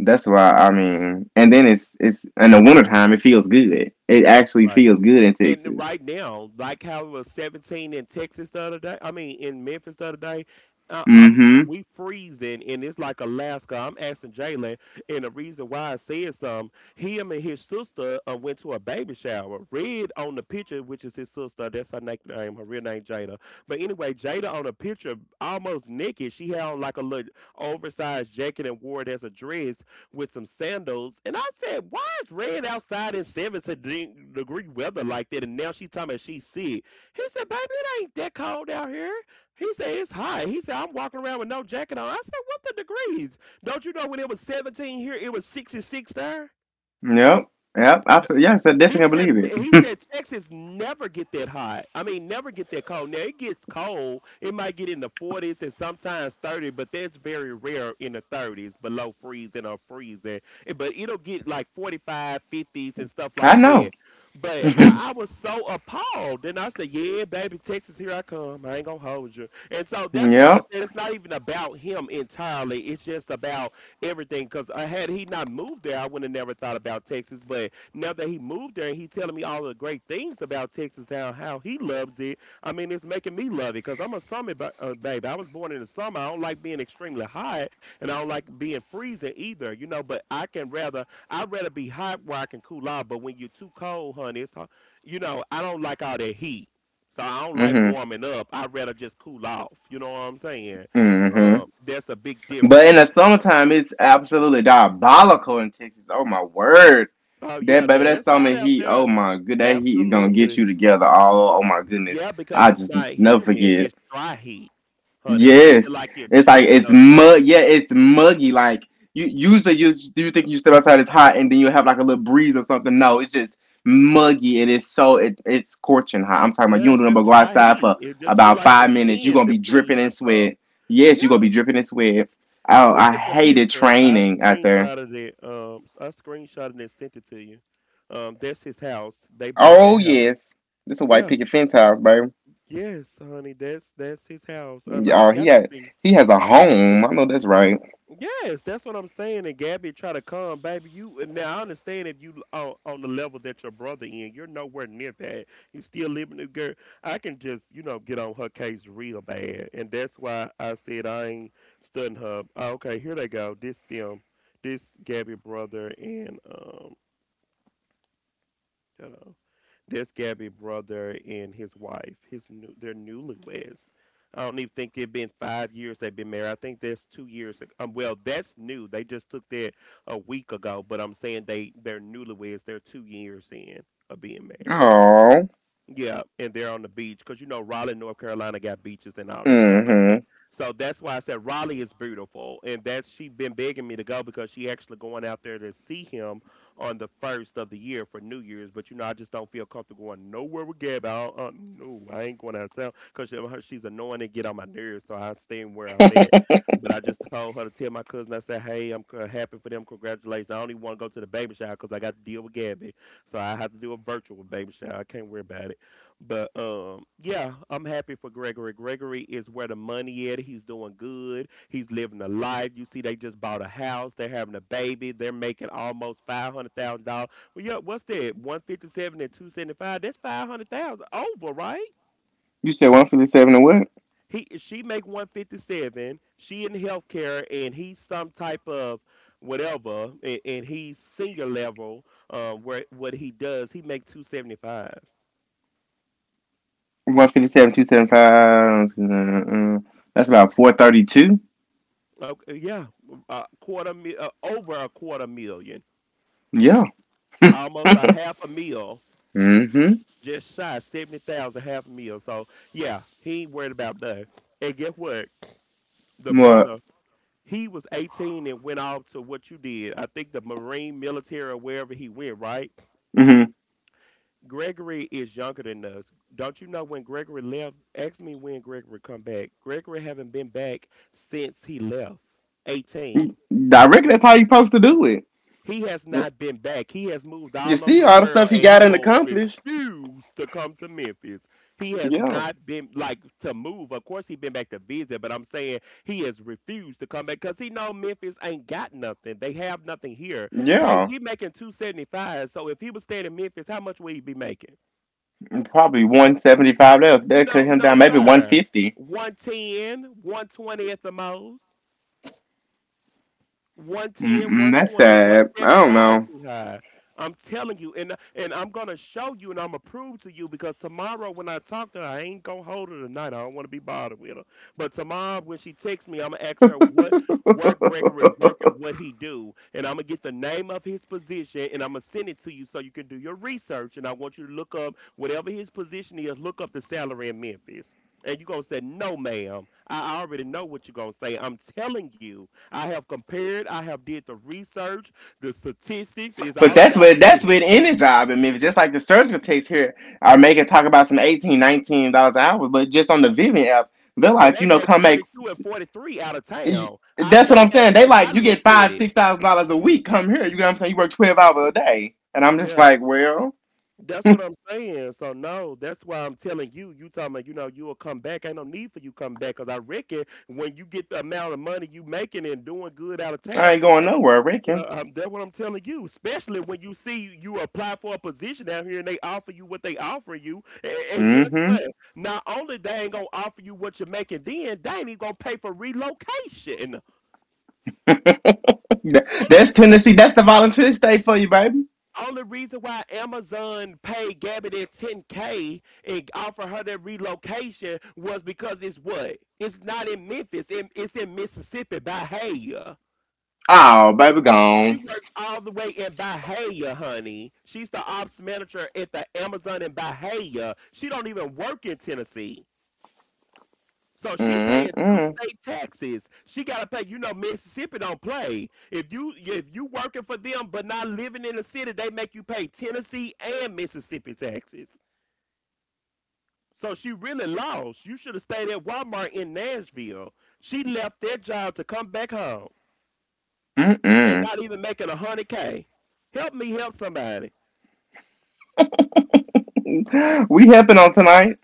that's why I mean, and then it's it's in the wintertime it feels good. It actually
Right.
feels good in
And
Texas.
right now, like how it was seventeen in Texas the other day, I mean in Memphis the other day, I, I'm
Mm-hmm.
we freezing and it's like Alaska. I'm asking Jalen, and the reason why I said some, him and his sister uh, went to a baby shower. Red on the picture, which is his sister, that's her nickname, her real name Jada. But anyway, Jada on the picture, almost naked. She had on like a little oversized jacket and wore it as a dress with some sandals. And I said, why is Red outside in seventy degree weather like that? And now she's talking about she's sick. He said, baby, it ain't that cold out here. He said, it's hot. He said, I'm walking around with no jacket on. I said, what the degrees? Don't you know when it was seventeen here, it was sixty-six there?
Yep. Yep. Absolutely. Yes, I
He
definitely
said
believe
m- he
it.
said Texas never get that hot. I mean, never get that cold. Now it gets cold. It might get in the forties and sometimes thirty, but that's very rare in the thirties, below freezing or freezing. Eh, But it'll get like forty-five, fifties and stuff
I
like
know.
that. But I, I was so appalled. Then I said, "Yeah, baby, Texas, here I come. I ain't gonna hold you." And so that's why I
Yep.
said it's not even about him entirely. It's just about everything. Because had he not moved there, I would have never thought about Texas. But now that he moved there and he's telling me all the great things about Texas now, how he loves it. I mean, it's making me love it because I'm a summer ba- uh, baby. I was born in the summer. I don't like being extremely hot and I don't like being freezing either, you know. But I can rather, I'd rather be hot where I can cool off. But when you're too cold, honey, it's, ho- you know, I don't like all that heat. So I don't like
Mm-hmm.
warming up. I'd rather just cool off. You know what I'm saying?
Mm-hmm.
Um, that's a big
But in
difference.
the summertime, it's absolutely diabolical in Texas. Oh my word.
Oh
That
yeah, now
baby, that
it's
summer
hot out
heat. Oh
there.
my good, that heat is gonna get you
Absolutely.
together. All oh my goodness,
Yeah,
I
because it's
just
not
never
humid,
forget.
it's dry heat, honey. So it feel
Yes,
like you're
it's like it's
choking or something.
mug. Yeah, it's
Y-
muggy. Like you usually you s- you think you step outside it's hot, and then you have like a little breeze or something. No, it's just muggy, and it's so it, it's scorching hot. I'm talking about you
Yeah, it's
don't
just
go
dry
outside for
heat. It just feel
about
like your
five minutes. You're gonna
skin
be dripping
depleting
in
or
sweat.
something.
Yes, you're gonna be
Yeah.
dripping in sweat. Oh,
Look
I
at the
hated
picture. I
training out there.
screenshotted it. Um, I screenshotted it and sent it to you. Um, that's his house. They bought that
Oh
house.
yes, this a white
Yeah.
picket fence house, baby.
Yes, honey. That's that's his house. And I
Oh, he
forgot to
had
see.
he has a home. I know that's right.
Yes, that's what I'm saying. And Gabby try to come, baby. You and now I understand if you on, on the level that your brother in, you're nowhere near that. You still living the girl. I can just you know get on her case real bad, and that's why I said I ain't studying her. Oh, okay, here they go. This them, this Gabby brother and um, you know. That's Gabby's brother and his wife. His new, they're newlyweds. I don't even think they've been five years they've been married. I think that's two years. Ago. Um, well, that's new. They just took that a week ago. But I'm saying they they're newlyweds. They're two years in of being married.
Oh,
Yeah, and they're on the beach because you know Raleigh, North Carolina got beaches and all this stuff like that.
mm-hmm.
So that's why I said Raleigh is beautiful, and that's she been begging me to go because she actually going out there to see him on the first of the year for New Year's. But you know, I just don't feel comfortable going nowhere with Gab. I don't, uh, No, I ain't going out of town because she's annoying and get on my nerves, so I'm staying where I'm at. But I just told her to tell my cousin. I said, hey, I'm c- happy for them. Congratulations. I only want to go to the baby shower because I got to deal with Gabby. So I have to do a virtual baby shower. I can't worry about it. But um, yeah, I'm happy for Gregory. Gregory is where the money at. He's doing good. He's living a life. You see, they just bought a house. They're having a baby. They're making almost five hundred thousand dollars. Well, yeah, what's that? One fifty seven and two seventy five. That's five hundred thousand over, right?
You said one fifty seven and what?
He she make one fifty seven. She in healthcare, and he's some type of whatever, and, and he's senior level. Um, where what he does, he make two seventy five.
One fifty seven two seven five. Uh, That's about four thirty two.
Okay, yeah, a quarter mil, uh, over a quarter million,
Yeah.
almost a half a mil,
Mm-hmm.
just shy seventy thousand, half a mil. So yeah, he ain't worried about that. And guess what? The
What?
brother, he was eighteen and went off to what you did. I think the Marine, military, or wherever he went. Right?
Mm-hmm.
Gregory is younger than us. Don't you know when Gregory left? Ask me when Gregory come back. Gregory haven't been back since he left. Eighteen.
Direct. That's how you' supposed to do it.
He has not been back. He has moved
You
all over
see
the
all the stuff
world
he
and he
got and
will
accomplished.
refuse to come to Memphis. He has
Yeah.
not been like to move. Of course he been back to visit, but I'm saying he has refused to come back because he know Memphis ain't got nothing. They have nothing here. Case
Yeah.
he making two seventy five. So if he was staying in Memphis, how much would he be making?
Probably one seventy five. That that cut
No,
him
no,
down. Maybe one
sir.
fifty.
One ten, one twenty at the most. One ten, one
Mm-mm, that's
twenty, one
sad.
seventy five
I
too high. I'm telling you, and and I'm gonna show you, and I'm gonna prove to you because tomorrow when I talk to her, I ain't gonna hold her tonight. I don't want to be bothered with her. But tomorrow when she texts me, I'm gonna ask
don't
her what where
know.
Gregory work and what he do, and I'm gonna get the name of his position, and I'm gonna send it to you so you can do your research. And I want you to look up whatever his position is. Look up the salary in Memphis. And you're going to say, no, ma'am. I already know what you're going to say. I'm telling you, I have compared, I have did the research, the statistics is
But
all
that's
about
what that's
data.
what any job in Memphis. Just like the surgical techs here are making talk about some eighteen, nineteen dollars an hour, but just on the Vivian app, they're
And
like, you
they
know,
make
come make.
thirty-two and forty-three out of town. I
That's what
know
I'm
that
saying. They
because I
like you get
looked at
five
it.
six thousand dollars a week. Come here, you know what I'm saying. You work twelve hours a day, and I'm just
Yeah.
like, well,
That's what I'm saying. So no, that's why I'm telling you. You talking about you know you'll come back. Ain't no need for you come back because I reckon when you get the amount of money you making and doing good out of town.
I ain't going nowhere, I reckon.
Uh, um, that's what I'm telling you. Especially when you see you apply for a position out here and they offer you what they offer you, and, and guess
Mm-hmm.
what? Not only they ain't gonna offer you what you're making, then they ain't even gonna pay for relocation. Only,
That's Tennessee. That's the volunteer state for you, baby.
re- only reason why Amazon paid Gabby that ten k and offered her that relocation was because it's what? It's not in Memphis. It, it's in Mississippi by hay.
Oh, baby,
She
gone.
works all the way in Bahia, honey. She's the ops manager at the Amazon in Bahia. She don't even work in Tennessee. So she paying two
Mm-mm.
state taxes. She gotta pay. You know Mississippi don't play. If you if you working for them but not living in the city, they make you pay Tennessee and Mississippi taxes. So she really lost. You should have stayed at Walmart in Nashville. She left that job to come back home and
Mm-mm.
not even making a hundred k. Help me help somebody.
We helping on tonight.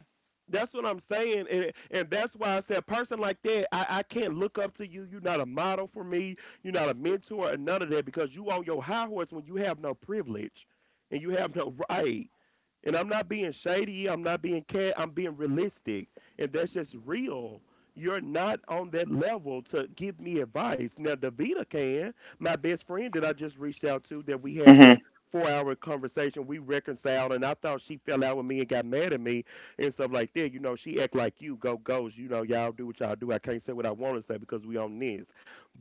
That's what I'm saying, and and that's why I said a person like that, I, I can't look up to you. You're not a model for me. You're not a mentor, and none of that because you on your high horse when you have no privilege, and you have no right. And I'm not being shady. I'm not being cat. I'm being realistic. And that's just real. You're not on that level to give me advice. Now, Davita can. My best friend that I just reached out to that we had
Mm-hmm.
that four hour conversation, we reconciled, and I thought she fell out with me and got mad at me and stuff like that. You know, she act like you, go goes, you know, y'all do what y'all do. I can't say what I want to say because we on this.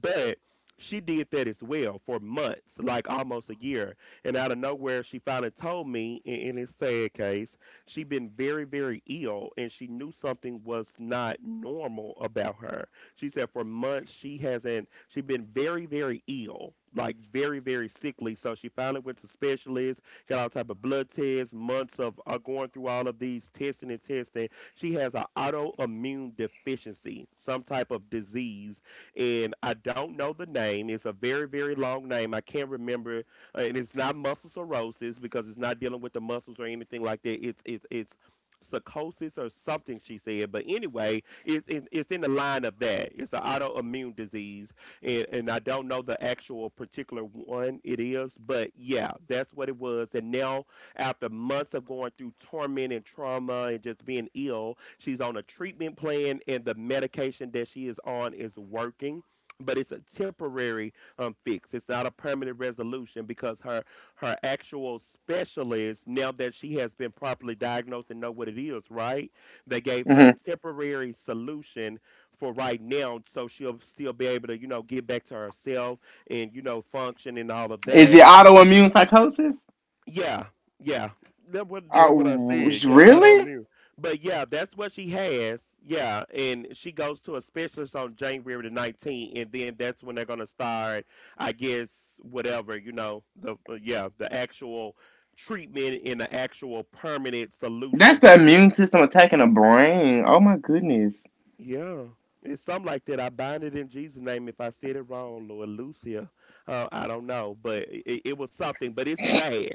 But she did that as well for months, like almost a year. And out of nowhere, she finally told me in, in his sad case, she'd been very, very ill and she knew something was not normal about her. She said for months she hasn't, she'd been very, very ill. Like very, very sickly. So she finally went to specialists, got all type of blood tests, months of uh, going through all of these testing and testing. She has an autoimmune deficiency, some type of disease, and I don't know the name. It's a very, very long name. I can't remember and it's not muscle cirrhosis because it's not dealing with the muscles or anything like that. It's it's it's psychosis or something she said. But anyway, it's it's, it's in the line of that. It's an autoimmune disease, and, and I don't know the actual particular one it is, but yeah, that's what it was. And now, after months of going through torment and trauma and just being ill, she's on a treatment plan, and the medication that she is on is working. But it's a temporary um, fixed. It's not a permanent resolution because her her actual specialist, now that she has been properly diagnosed and know what it is, right? They gave her
Hmm.
a temporary solution for right now, so she'll still be able to, you know, get back to herself and you know function and all of
Is
that.
the autoimmune psychosis?
Yeah, yeah. That what that's
Oh,
what I said. Yeah, I don't
really?
mean. But yeah, that's what she has. Yeah, and she goes to a specialist on January the nineteenth, and then that's when they're gonna start. I guess whatever you know the uh, yeah the actual treatment and the actual permanent
That's
solution
the
for it.
immune system attacking the brain. Oh my goodness.
Yeah. It's something like that. I bind it in Jesus' name. If I said it wrong, Lord Lucia, uh, I don't know, but it, it was something. But it's bad.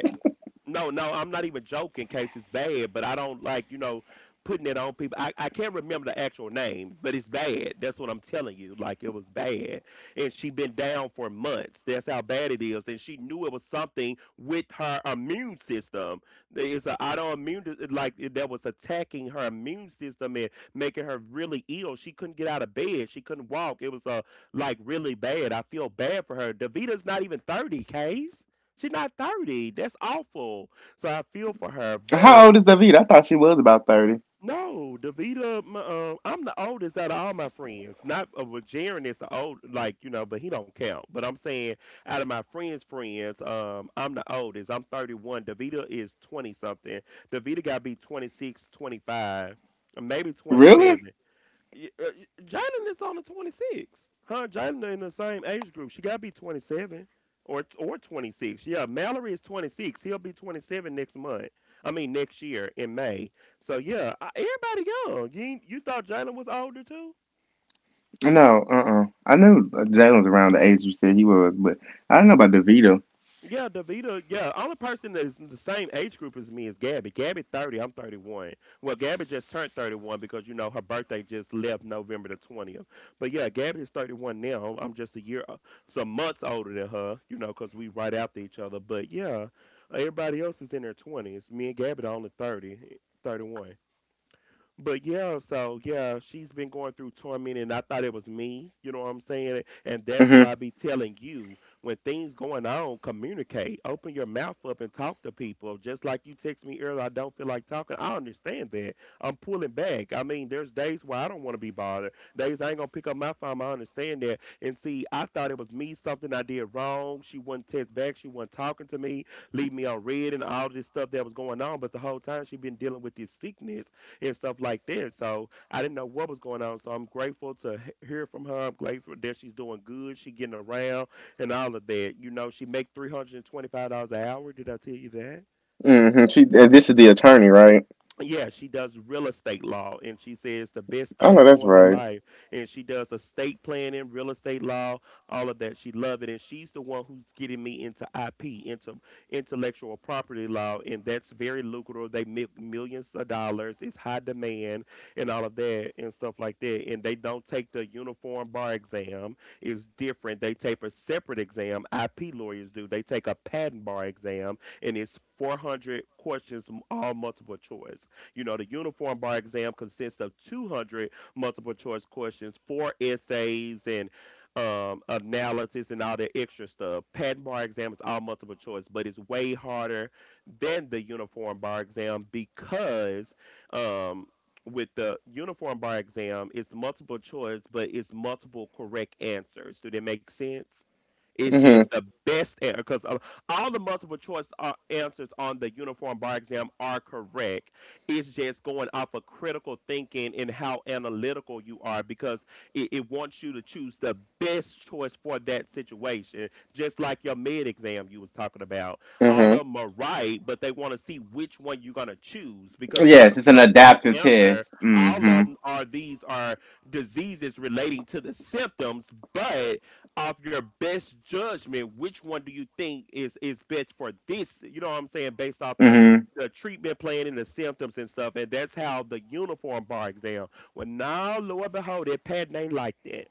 No, no, I'm not even joking in case it's bad, but I don't like, you know, putting it on people. I, I can't remember the actual name, but it's bad. That's what I'm telling you. Like it was bad. And she been down for months. That's how bad it is. And she knew it was something with her immune system. There is an autoimmune dis- like that was attacking her immune system and making her really ill. She couldn't get out of bed. She couldn't walk. It was uh, like really bad. I feel bad for her. Davita's not even thirty, Case. She's not thirty. That's awful. So I feel for her. But
How old is Davita? I thought she was about thirty.
no, Davita, m- um, I'm the oldest out of all my friends. Not uh, well, Jaren is the old, like, you know, but he don't count. But I'm saying out of my friends' friends, um, I'm the oldest. I'm thirty-one. Davita is twenty something. Davita got to be twenty-six, twenty-five, maybe
Really?
twenty-seven. Y- uh, y- Jalen is on the twenty-six. Huh? Jalen in the same age group. She got to be twenty-seven or or twenty-six. Yeah, Mallory is twenty-six. He'll be twenty-seven next month. I mean next year in May. So yeah, I- everybody young. You ain't- you thought Jalen was older too?
No, uh uh I knew Jalen's around the age you said he was, but I don't know about DeVito.
Yeah, Davita. Yeah, only person that is in the same age group as me is Gabby. Gabby thirty. I'm thirty one. Well, Gabby just turned thirty one because you know her birthday just left November the twentieth. But yeah, Gabby is thirty one now. I'm just a year, some months older than her. You know, because we right after each other. But yeah, everybody else is in their twenties. Me and Gabby are only thirty, thirty-one. But yeah, so yeah, she's been going through torment, and I thought it was me. You know what I'm saying? And that's
Mm-hmm.
why I be telling you when things going on, communicate. Open your mouth up and talk to people. Just like you text me earlier, I don't feel like talking. I understand that. I'm pulling back. I mean, there's days where I don't want to be bothered. Days I ain't gonna pick up my phone. I understand that. And see, I thought it was me something I did wrong. She wasn't text back. She wasn't talking to me. Leave me on red and all this stuff that was going on. But the whole time she been dealing with this sickness and stuff like that. So I didn't know what was going on. So I'm grateful to he- hear from her. I'm grateful that she's doing good. She getting around and all of that. You know, she make three hundred and twenty five dollars an hour. Did I tell you that?
Mm-hmm. She, uh, this is the attorney, right?
Yeah, she does real estate law, and she says the best
Oh, no,
thing
that's
going in
right.
life. And she does estate planning, real estate law, all of that. She loved it, and she's the one who's getting me into I P, into intellectual property law, and that's very lucrative. They make millions of dollars. It's high demand, and all of that, and stuff like that. And they don't take the uniform bar exam. It's different. They take a separate exam. I P lawyers do. They take a patent bar exam, and it's four hundred questions, m- all multiple choice. You know, the uniform bar exam consists of two hundred multiple choice questions, four essays, and um, analysis and all that extra stuff. Patent bar exam is all multiple choice, but it's way harder than the uniform bar exam because um, with the uniform bar exam, it's multiple choice, but it's multiple correct answers. Do that make sense? It's
Mm-hmm.
just the best answer because all the multiple choice uh, answers on the uniform bar exam are correct, it's just going off of critical thinking and how analytical you are because it, it wants you to choose the best choice for that situation. Just like your med exam you was talking about. All of
Mm-hmm.
them are right, but they want to see which one you're gonna choose because
Yes,
there's
it's an
no wrong
adaptive
answer.
test.
All
Mm-hmm.
of them are these are diseases relating to the symptoms, but off your best judgment, which one do you think is is best for this? You know what I'm saying? Based off the
Mm-hmm.
the treatment plan and the symptoms and stuff, and that's how the uniform bar exam. Well, now, lo and behold, it Pat ain't like that.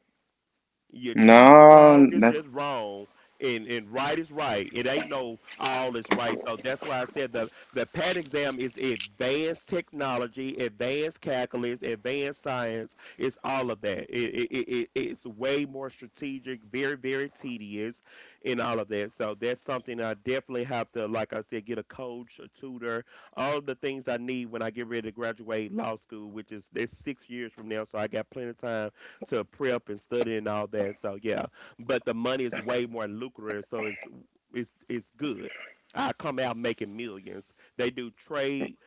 You choose the wrong
No,
is
that's.
just wrong, and and right is right. It ain't no all is right. So that's why I said the the PAT exam is advanced technology, advanced calculus, advanced science. It's all of that. It, it, it it- it's way more strategic, very very tedious, and all of that. So that's something I definitely have to, like I said, get a coach, a tutor, all the things I need when I get ready to graduate law school, which is it's six years from now. So I got plenty of time to prep and study and all that. So yeah, but the money is way more lucrative, so it's it's it's good. I come out making millions. They do trade,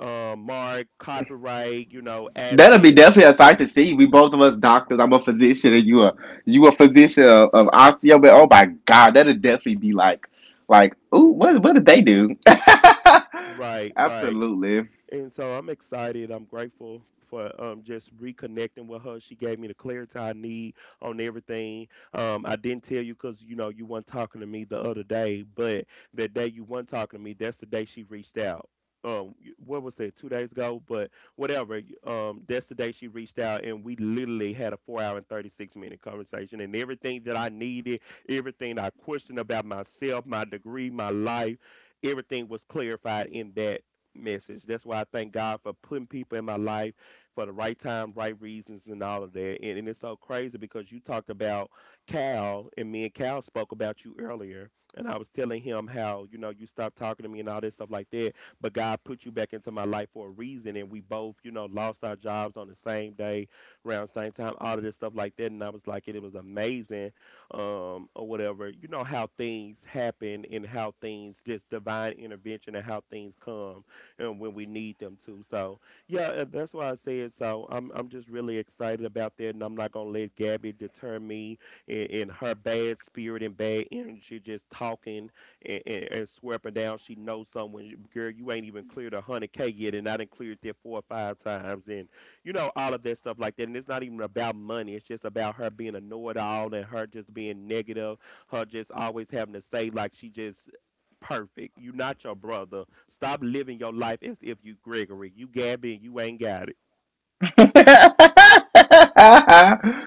uh, mark, copyright, you know,
That'll be
assets.
definitely a sight to see. We both of us doctors. I'm a physician, and you a you a physician of, of osteo. But oh my god, that'll definitely be like like ooh, what what did they do?
Right, right.
Absolutely.
And so I'm excited. I'm grateful for um, just reconnecting with her. She gave me the clarity I need on everything. Um, I didn't tell you because you know you weren't talking to me the other day, but the day you weren't talking to me, that's the day she reached out. Um, what was that? Two days ago, but whatever. Um, that's the day she reached out, and we literally had a four-hour and thirty-six minute conversation, and everything that I needed, everything I questioned about myself, my degree, my life, everything was clarified in that message. That's why I thank God for putting people in my life for the right time, right reasons, and all of that. And, and it's so crazy because you talked about Cal, and me and Cal spoke about you earlier. And I was telling him how, you know, you stopped talking to me and all that stuff like that. But God put you back into my life for a reason. And we both, you know, lost our jobs on the same day, around the same time, all of this stuff like that. And I was like, it, it was amazing um, or whatever. You know how things happen and how things, this divine intervention and how things come and when we need them to. So yeah, and that's why I said so. I'm I'm just really excited about that, and I'm not gonna let Gabby deter me in, in her bad spirit and bad energy, just talking and, and, and swear up and down she knows someone. You- Girl, you ain't even cleared a hundred k yet, and I done cleared that four or five times, and you know all of that stuff like that. And it's not even about money; it's just about her being a know-it-all and her just being negative, her just always having to say like she just perfect. You not your brother. Stop living your life as if you Gregory. You Gabby and you ain't got it.
That's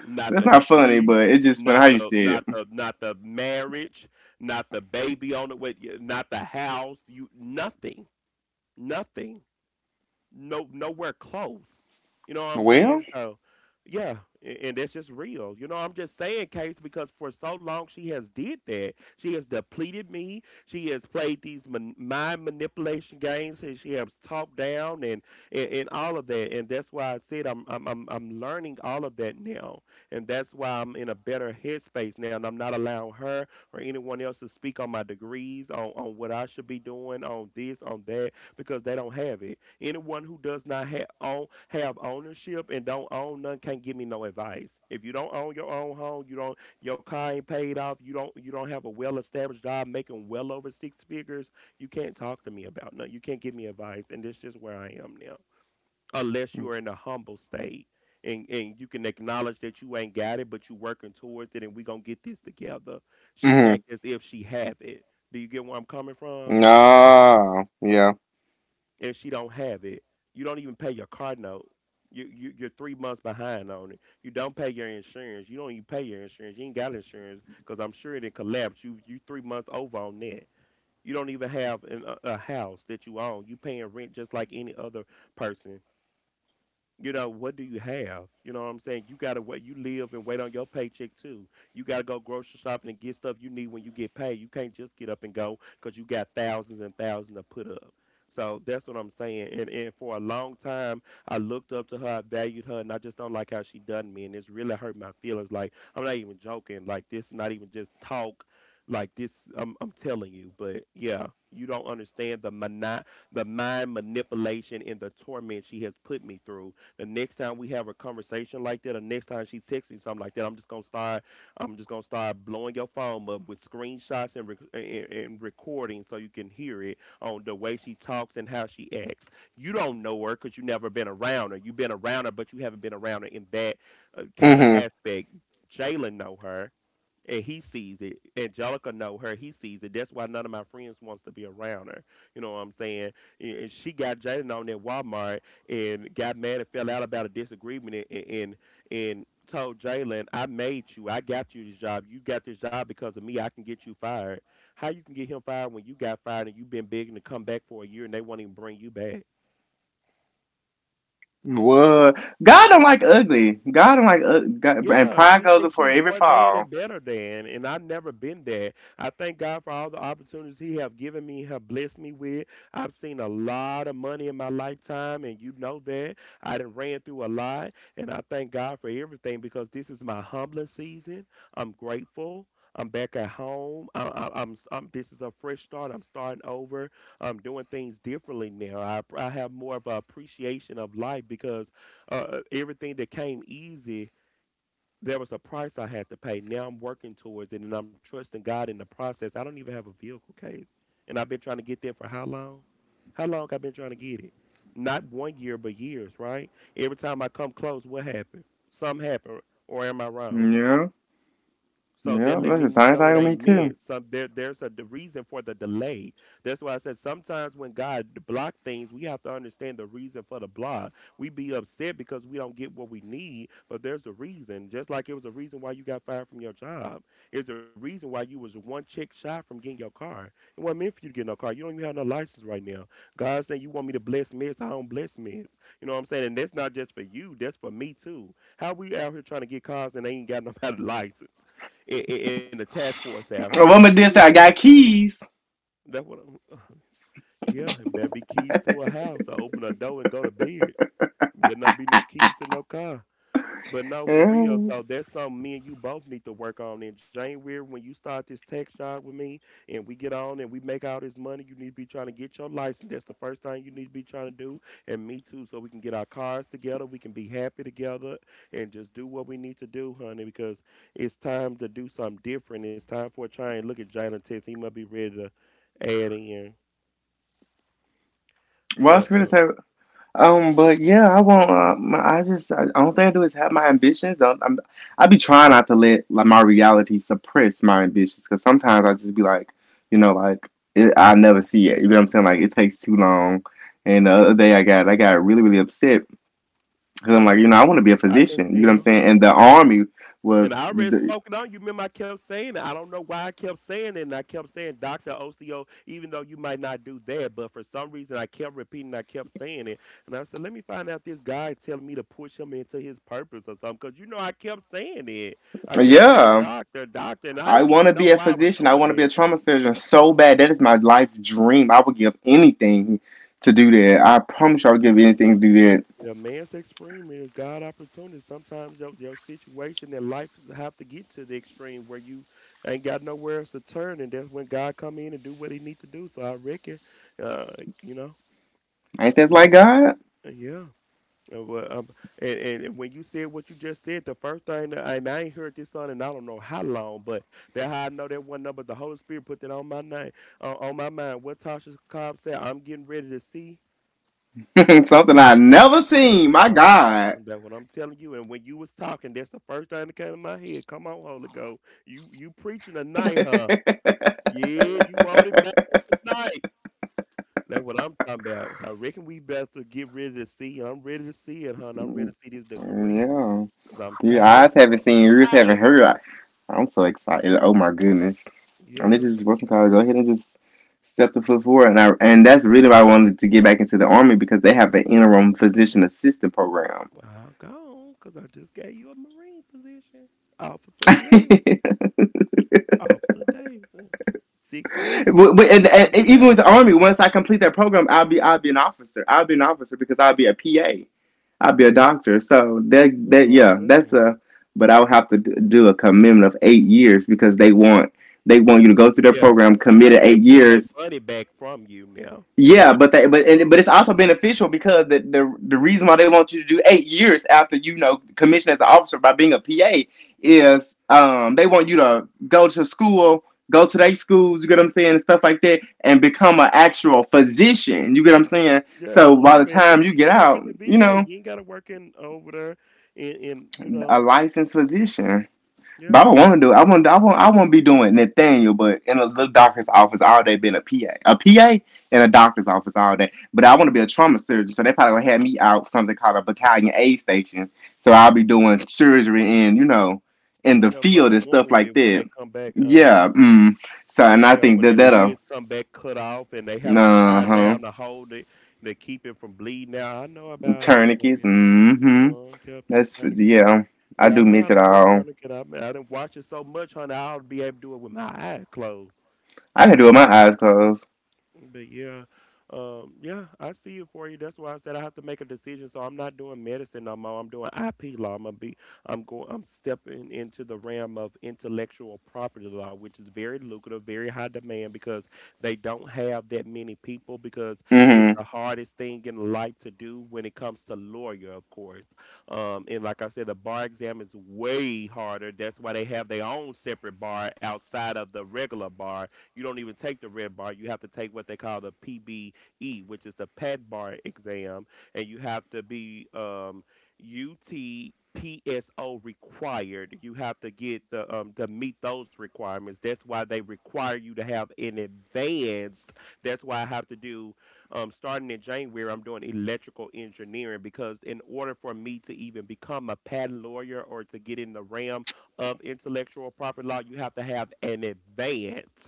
Not the
not funny,
degree,
but it's just funny how
not
you
the
said it.
not the not the marriage, not the baby on the way, not the house. You nothing. Nothing. No nowhere close. You know what I'm
Well,
saying? So yeah, a- and that's just real. You know, I'm just saying, Case, because for so long she has did that. She has depleted me. She has played these man- mind manipulation games, and she has talked down and, and and all of that. And that's why I said I'm I'm I'm I'm learning all of that now, and that's why I'm in a better headspace now, and I'm not allowing her or anyone else to speak on my degrees, on on what I should be doing, on this, on that, because they don't have it. Anyone who does not have own have ownership and don't own none can't give me no advice. If you don't own your own home, you don't your car ain't paid off, you don't you don't have a well established job making well over six figures, you can't talk to me about none. You can't give me advice, and that's just where I am now. Unless you are in a humble state. And, and you can acknowledge that you ain't got it, but you working towards it, and we gonna get this together. She
mm-hmm.
act as if she have it. Do you get where I'm coming from?
No, yeah,
And she don't have it, you don't even pay your car note. You, you you're three months behind on it. You don't pay your insurance. You don't even pay your insurance. You ain't got insurance because I'm sure it didn't collapse. You you three months over on that. You don't even have an, a, a house that you own. You paying rent just like any other person. You know, what do you have? You know what I'm saying? You gotta wait you live and wait on your paycheck too. You gotta go grocery shopping and get stuff you need when you get paid. You can't just get up and go because you got thousands and thousands to put up. So that's what I'm saying. And and for a long time I looked up to her, I valued her, and I just don't like how she done me and it's really hurt my feelings. Like I'm not even joking. Like this not even just talk. Like this I'm I'm telling you, but yeah, you don't understand the mani- the mind manipulation and the torment she has put me through the next time we have a conversation like that, or next time she texts me something like that, I'm just gonna start. I'm just gonna start blowing your phone up with screenshots and rec- and, and recording so you can hear it on the way she talks and how she acts. You don't know her because you never been around her. You've been around her, but you haven't been around her in that uh, kind of
mm-hmm.
aspect. Jalen know her and he sees it. Angelica know her, he sees it. That's why none of my friends wants to be around her. You know what I'm saying? And and she got Jalen on at Walmart and got mad and fell out about a disagreement and and, and told Jalen, I made you. I got you this job. You got this job because of me. I can get you fired. How you can get him fired when you got fired and you've been begging to come back for a year and they won't even bring you back?
What? God don't like ugly. God don't like ug- God, and
Yeah,
pride
she
goes
thinks
before
she
every
more than
fall.
and better than, and I've never been that. I thank God for all the opportunities He have given me, have blessed me with. I've seen a lot of money in my lifetime, and you know that. I done ran through a lot, and I thank God for everything because this is my humbling season. I'm grateful. I'm back at home. I, I, I'm, I'm. This is a fresh start. I'm starting over. I'm doing things differently now. I, I have more of an appreciation of life because uh, uh, everything that came easy there was a price I had to pay. Now I'm working towards it and I'm trusting God in the process. I don't even have a vehicle case. And I've been trying to get there for how long? How long I've been trying to get it? Not one year, but years, right? Every time I come close, what happened? Something happened, or am I wrong?
Yeah.
So they
Yeah,
let
that's
me
the
know it
same thing
ain't
with me
meant.
too.
Some there, there's a the reason for the delay. That's why I said sometimes when God block things, we have to understand the reason for the block. We be upset because we don't get what we need, but there's a reason. Just like it was a reason why you got fired from your job. It's a reason why you was one check shy from getting your car. It wasn't meant for you to get no car. You don't even have no license right now. God saying you want me to bless mess. I don't bless mess. You know what I'm saying? And that's not just for you. That's for me too. How we out here trying to get cars and they ain't got no license? In, in, in the task force out here.
A woman
Where you-
just say
know,
I got keys.
That's what I'm. Yeah, and better be keys to a house. I open a door and go to bed. Better not be no keys to no car. But no, for
Yeah.
real. So that's something me and you both need to work on in January when you start this tech job with me and we get on and we make all this money. You need to be trying to get your license. That's the first thing you need to be trying to do. And me too, so we can get our cars together. We can be happy together and just do what we need to do, honey, because it's time to do something different. It's time for a change. Look at Jalen Tex. He must be ready to add in.
Well, I was
But
gonna
uh,
say, um, but yeah, I won't. Um, I just, I, only thing I do is have my ambitions. I, I'm, I be trying not to let like my reality suppress my ambitions because sometimes I just be like, you know, like it, I never see it. You know what I'm saying? Like it takes too long. And the other day I got, I got really, really upset because I'm like, you know, I want to be a
I can
physician. You know what I'm
tell.
saying? And the army was,
And I already
the,
spoken on. You remember I kept saying it. I don't know why I kept saying it. And I kept saying doctor O C O, even though you might not do that. But for some reason, I kept repeating, I kept saying it. And I said, let me find out, this guy telling me to push him into his purpose or something. Because, you know, I kept saying it. I kept saying
yeah.
doctor, doctor. And I
I
didn't
want
even
to
know
be a
why I was
physician. I
doing
want to be
that.
a trauma surgeon so bad. That is my life dream. I would give anything to do that. I promise you, I would give anything to do that.
A man's extreme is God opportunity. Sometimes your your situation in life is- have to get to the extreme where you ain't got nowhere else to turn, and that's when God come in and do what He need to do. So I reckon, uh, you know,
Ain't that like
you
God?
yeah. Uh, well, um, and, and and when you said what you just said, the first thing that, and I ain't heard this song, and I don't know how long, but that how I know that one number, the Holy Spirit put that on my name, uh, on my mind. What Tasha Cobb said, I'm getting ready to see.
Something I never seen. My
Talk.
God.
That's what I'm telling you. And when you was talking, that's the first thing that came to my head. Come on, Holy Ghost. You you preaching tonight, huh? Yeah, you want it back tonight. That's what I'm talking about. I reckon we better get ready to see. I'm ready to see it, hon. I'm ready to see this degree.
Yeah.
Cause I'm
Your
tired of
eyes haven't seen, your ears
tired
haven't
of
heard. I,
school.
I'm so excited. Oh my goodness. And this
Yes.
is Wilson College. Go ahead and just step the foot forward. And I and that's really why I wanted to get back into the army because they have the interim physician assistant program.
Well, I'm gone. Cause I just gave you a Marine position. Officer Davidson. Officer Davidson. Six weeks,
But- but- and, and
twenty
even with the
thousand.
army, once I complete that program, I'll be I'll be an officer. I'll be an officer because I'll be a P A. I'll be a
Yeah,
doctor. So that
that's
that
what I'm
yeah, that's
saying.
a. But I would have to do a commitment of eight years because they want they want you to go through their
Yeah,
program,
they got
committed
they
eight
get their
years,
money back from you now. They
Yeah,
didn't
but they,
put you
but and, but
through.
it's also beneficial because the, the the reason why they want you to do eight years after you know commission as an officer by being a P A is um they want you to go to school, go to their schools, you get what I'm saying, and stuff like that, and become an actual physician. You get what I'm saying?
Yeah, in
So
the
by the
army, at
time
the,
you
you
get
can work
out,
at the
you
V A.
know,
You ain't got to work in over there, in, in you
a
know,
licensed physician. But I
yeah,
don't want to do. It. I want. I want. I want to be doing Nathaniel, but in a little doctor's office all day, being a P A, a P A in a doctor's office all day. But I want to be a trauma surgeon, so they probably gonna have me out something called a battalion aid station. So I'll be doing surgery in, you know, in the
yeah, for
field
the
and stuff like
wounded when
that.
they come back. Uh,
Yeah.
yeah,
Mm. So and I
yeah,
think
when they
that that'll.
legs come back cut off and they have to
Uh
tie it
huh.
down to hold it to keep it from bleeding out. I know about this stuff.
Tourniquets.
Yeah,
Mm hmm.
uh, kept them
That's
tourniquet.
yeah. I
Yeah, I
do
know
miss
how
it
to do a
all.
tourniquet. I mean, I didn't watch it so much, honey. I'll be able to do it with my eyes closed.
I can do it with my eyes closed.
But yeah, um, yeah, I see it for you. That's why I said I have to make a decision. So I'm not doing medicine no more. I'm doing I P law. I'm gonna be, I'm going, I'm stepping into the realm of intellectual property law, which is very lucrative, very high demand, because they don't have that many people, because it's
Mm
the hardest thing in life to do when it comes to lawyer, of course. Um, and like I said, the bar exam is way harder. That's why they have their own separate bar outside of the regular bar. You don't even take the red bar. You have to take what they call the P B E, which is the PET bar exam, and you have to be um, U T. Required. You have to get the um to meet those requirements. That's why they require you to have an advanced. That's why I have to do um starting in January. I'm doing electrical engineering, because in order for me to even become a patent lawyer or to get in the realm of intellectual property law, you have to have an advanced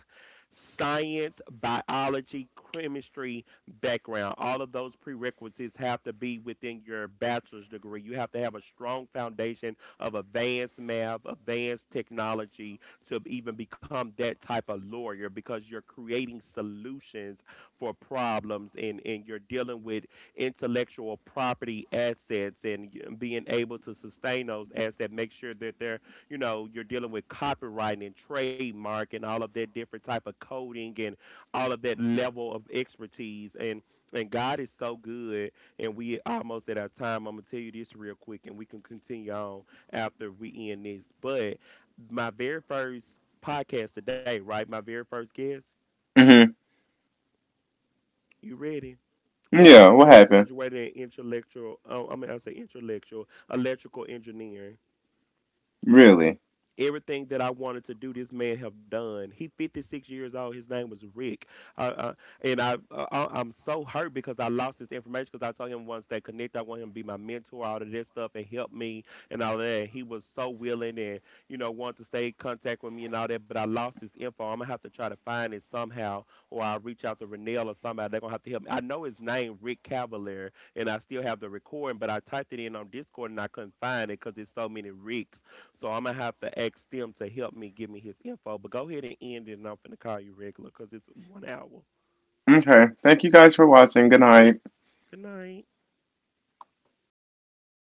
science, biology, chemistry background. All of those prerequisites have to be within your bachelor's degree. You have to have a strong foundation of advanced math, advanced technology to even become that type of lawyer, because you're creating solutions for problems, and, and you're dealing with intellectual property assets, and being able to sustain those assets, make sure that they're, you know, you're dealing with copyright and trademark and all of that different type of coding and all of that level of expertise. and and God is so good, and we almost at our time. I'm gonna tell you this real quick, and we can continue on after we end this. But my very first podcast today, right, my very first guest,
hmm. Mm
you ready?
hmm.
Why,
Yeah.
this
What
man that
happened?
graduated in intellectual oh, I mean I say intellectual electrical engineering.
Really?
Everything that I wanted to do, this man have done. He fifty-six years old. His name was Rick, uh, uh, and I, uh, I I'm so hurt because I lost this information, because I told him once that connect. I want him to be my mentor, all of this stuff, and help me and all that. He was so willing and you know wanted to stay in contact with me and all that. But I lost this info. I'm gonna have to try to find it somehow, or I'll reach out to Renell or somebody. They're gonna have to help me. I know his name, Rick Cavalier, and I still have the recording, but I typed it in on Discord and I couldn't find it because there's so many Ricks. So I'm gonna have to ask them to help me, give me his info. But go ahead and end it, and I'm finna call you regular because it's one hour.
Okay. Thank you guys for watching. Good night.
Good night.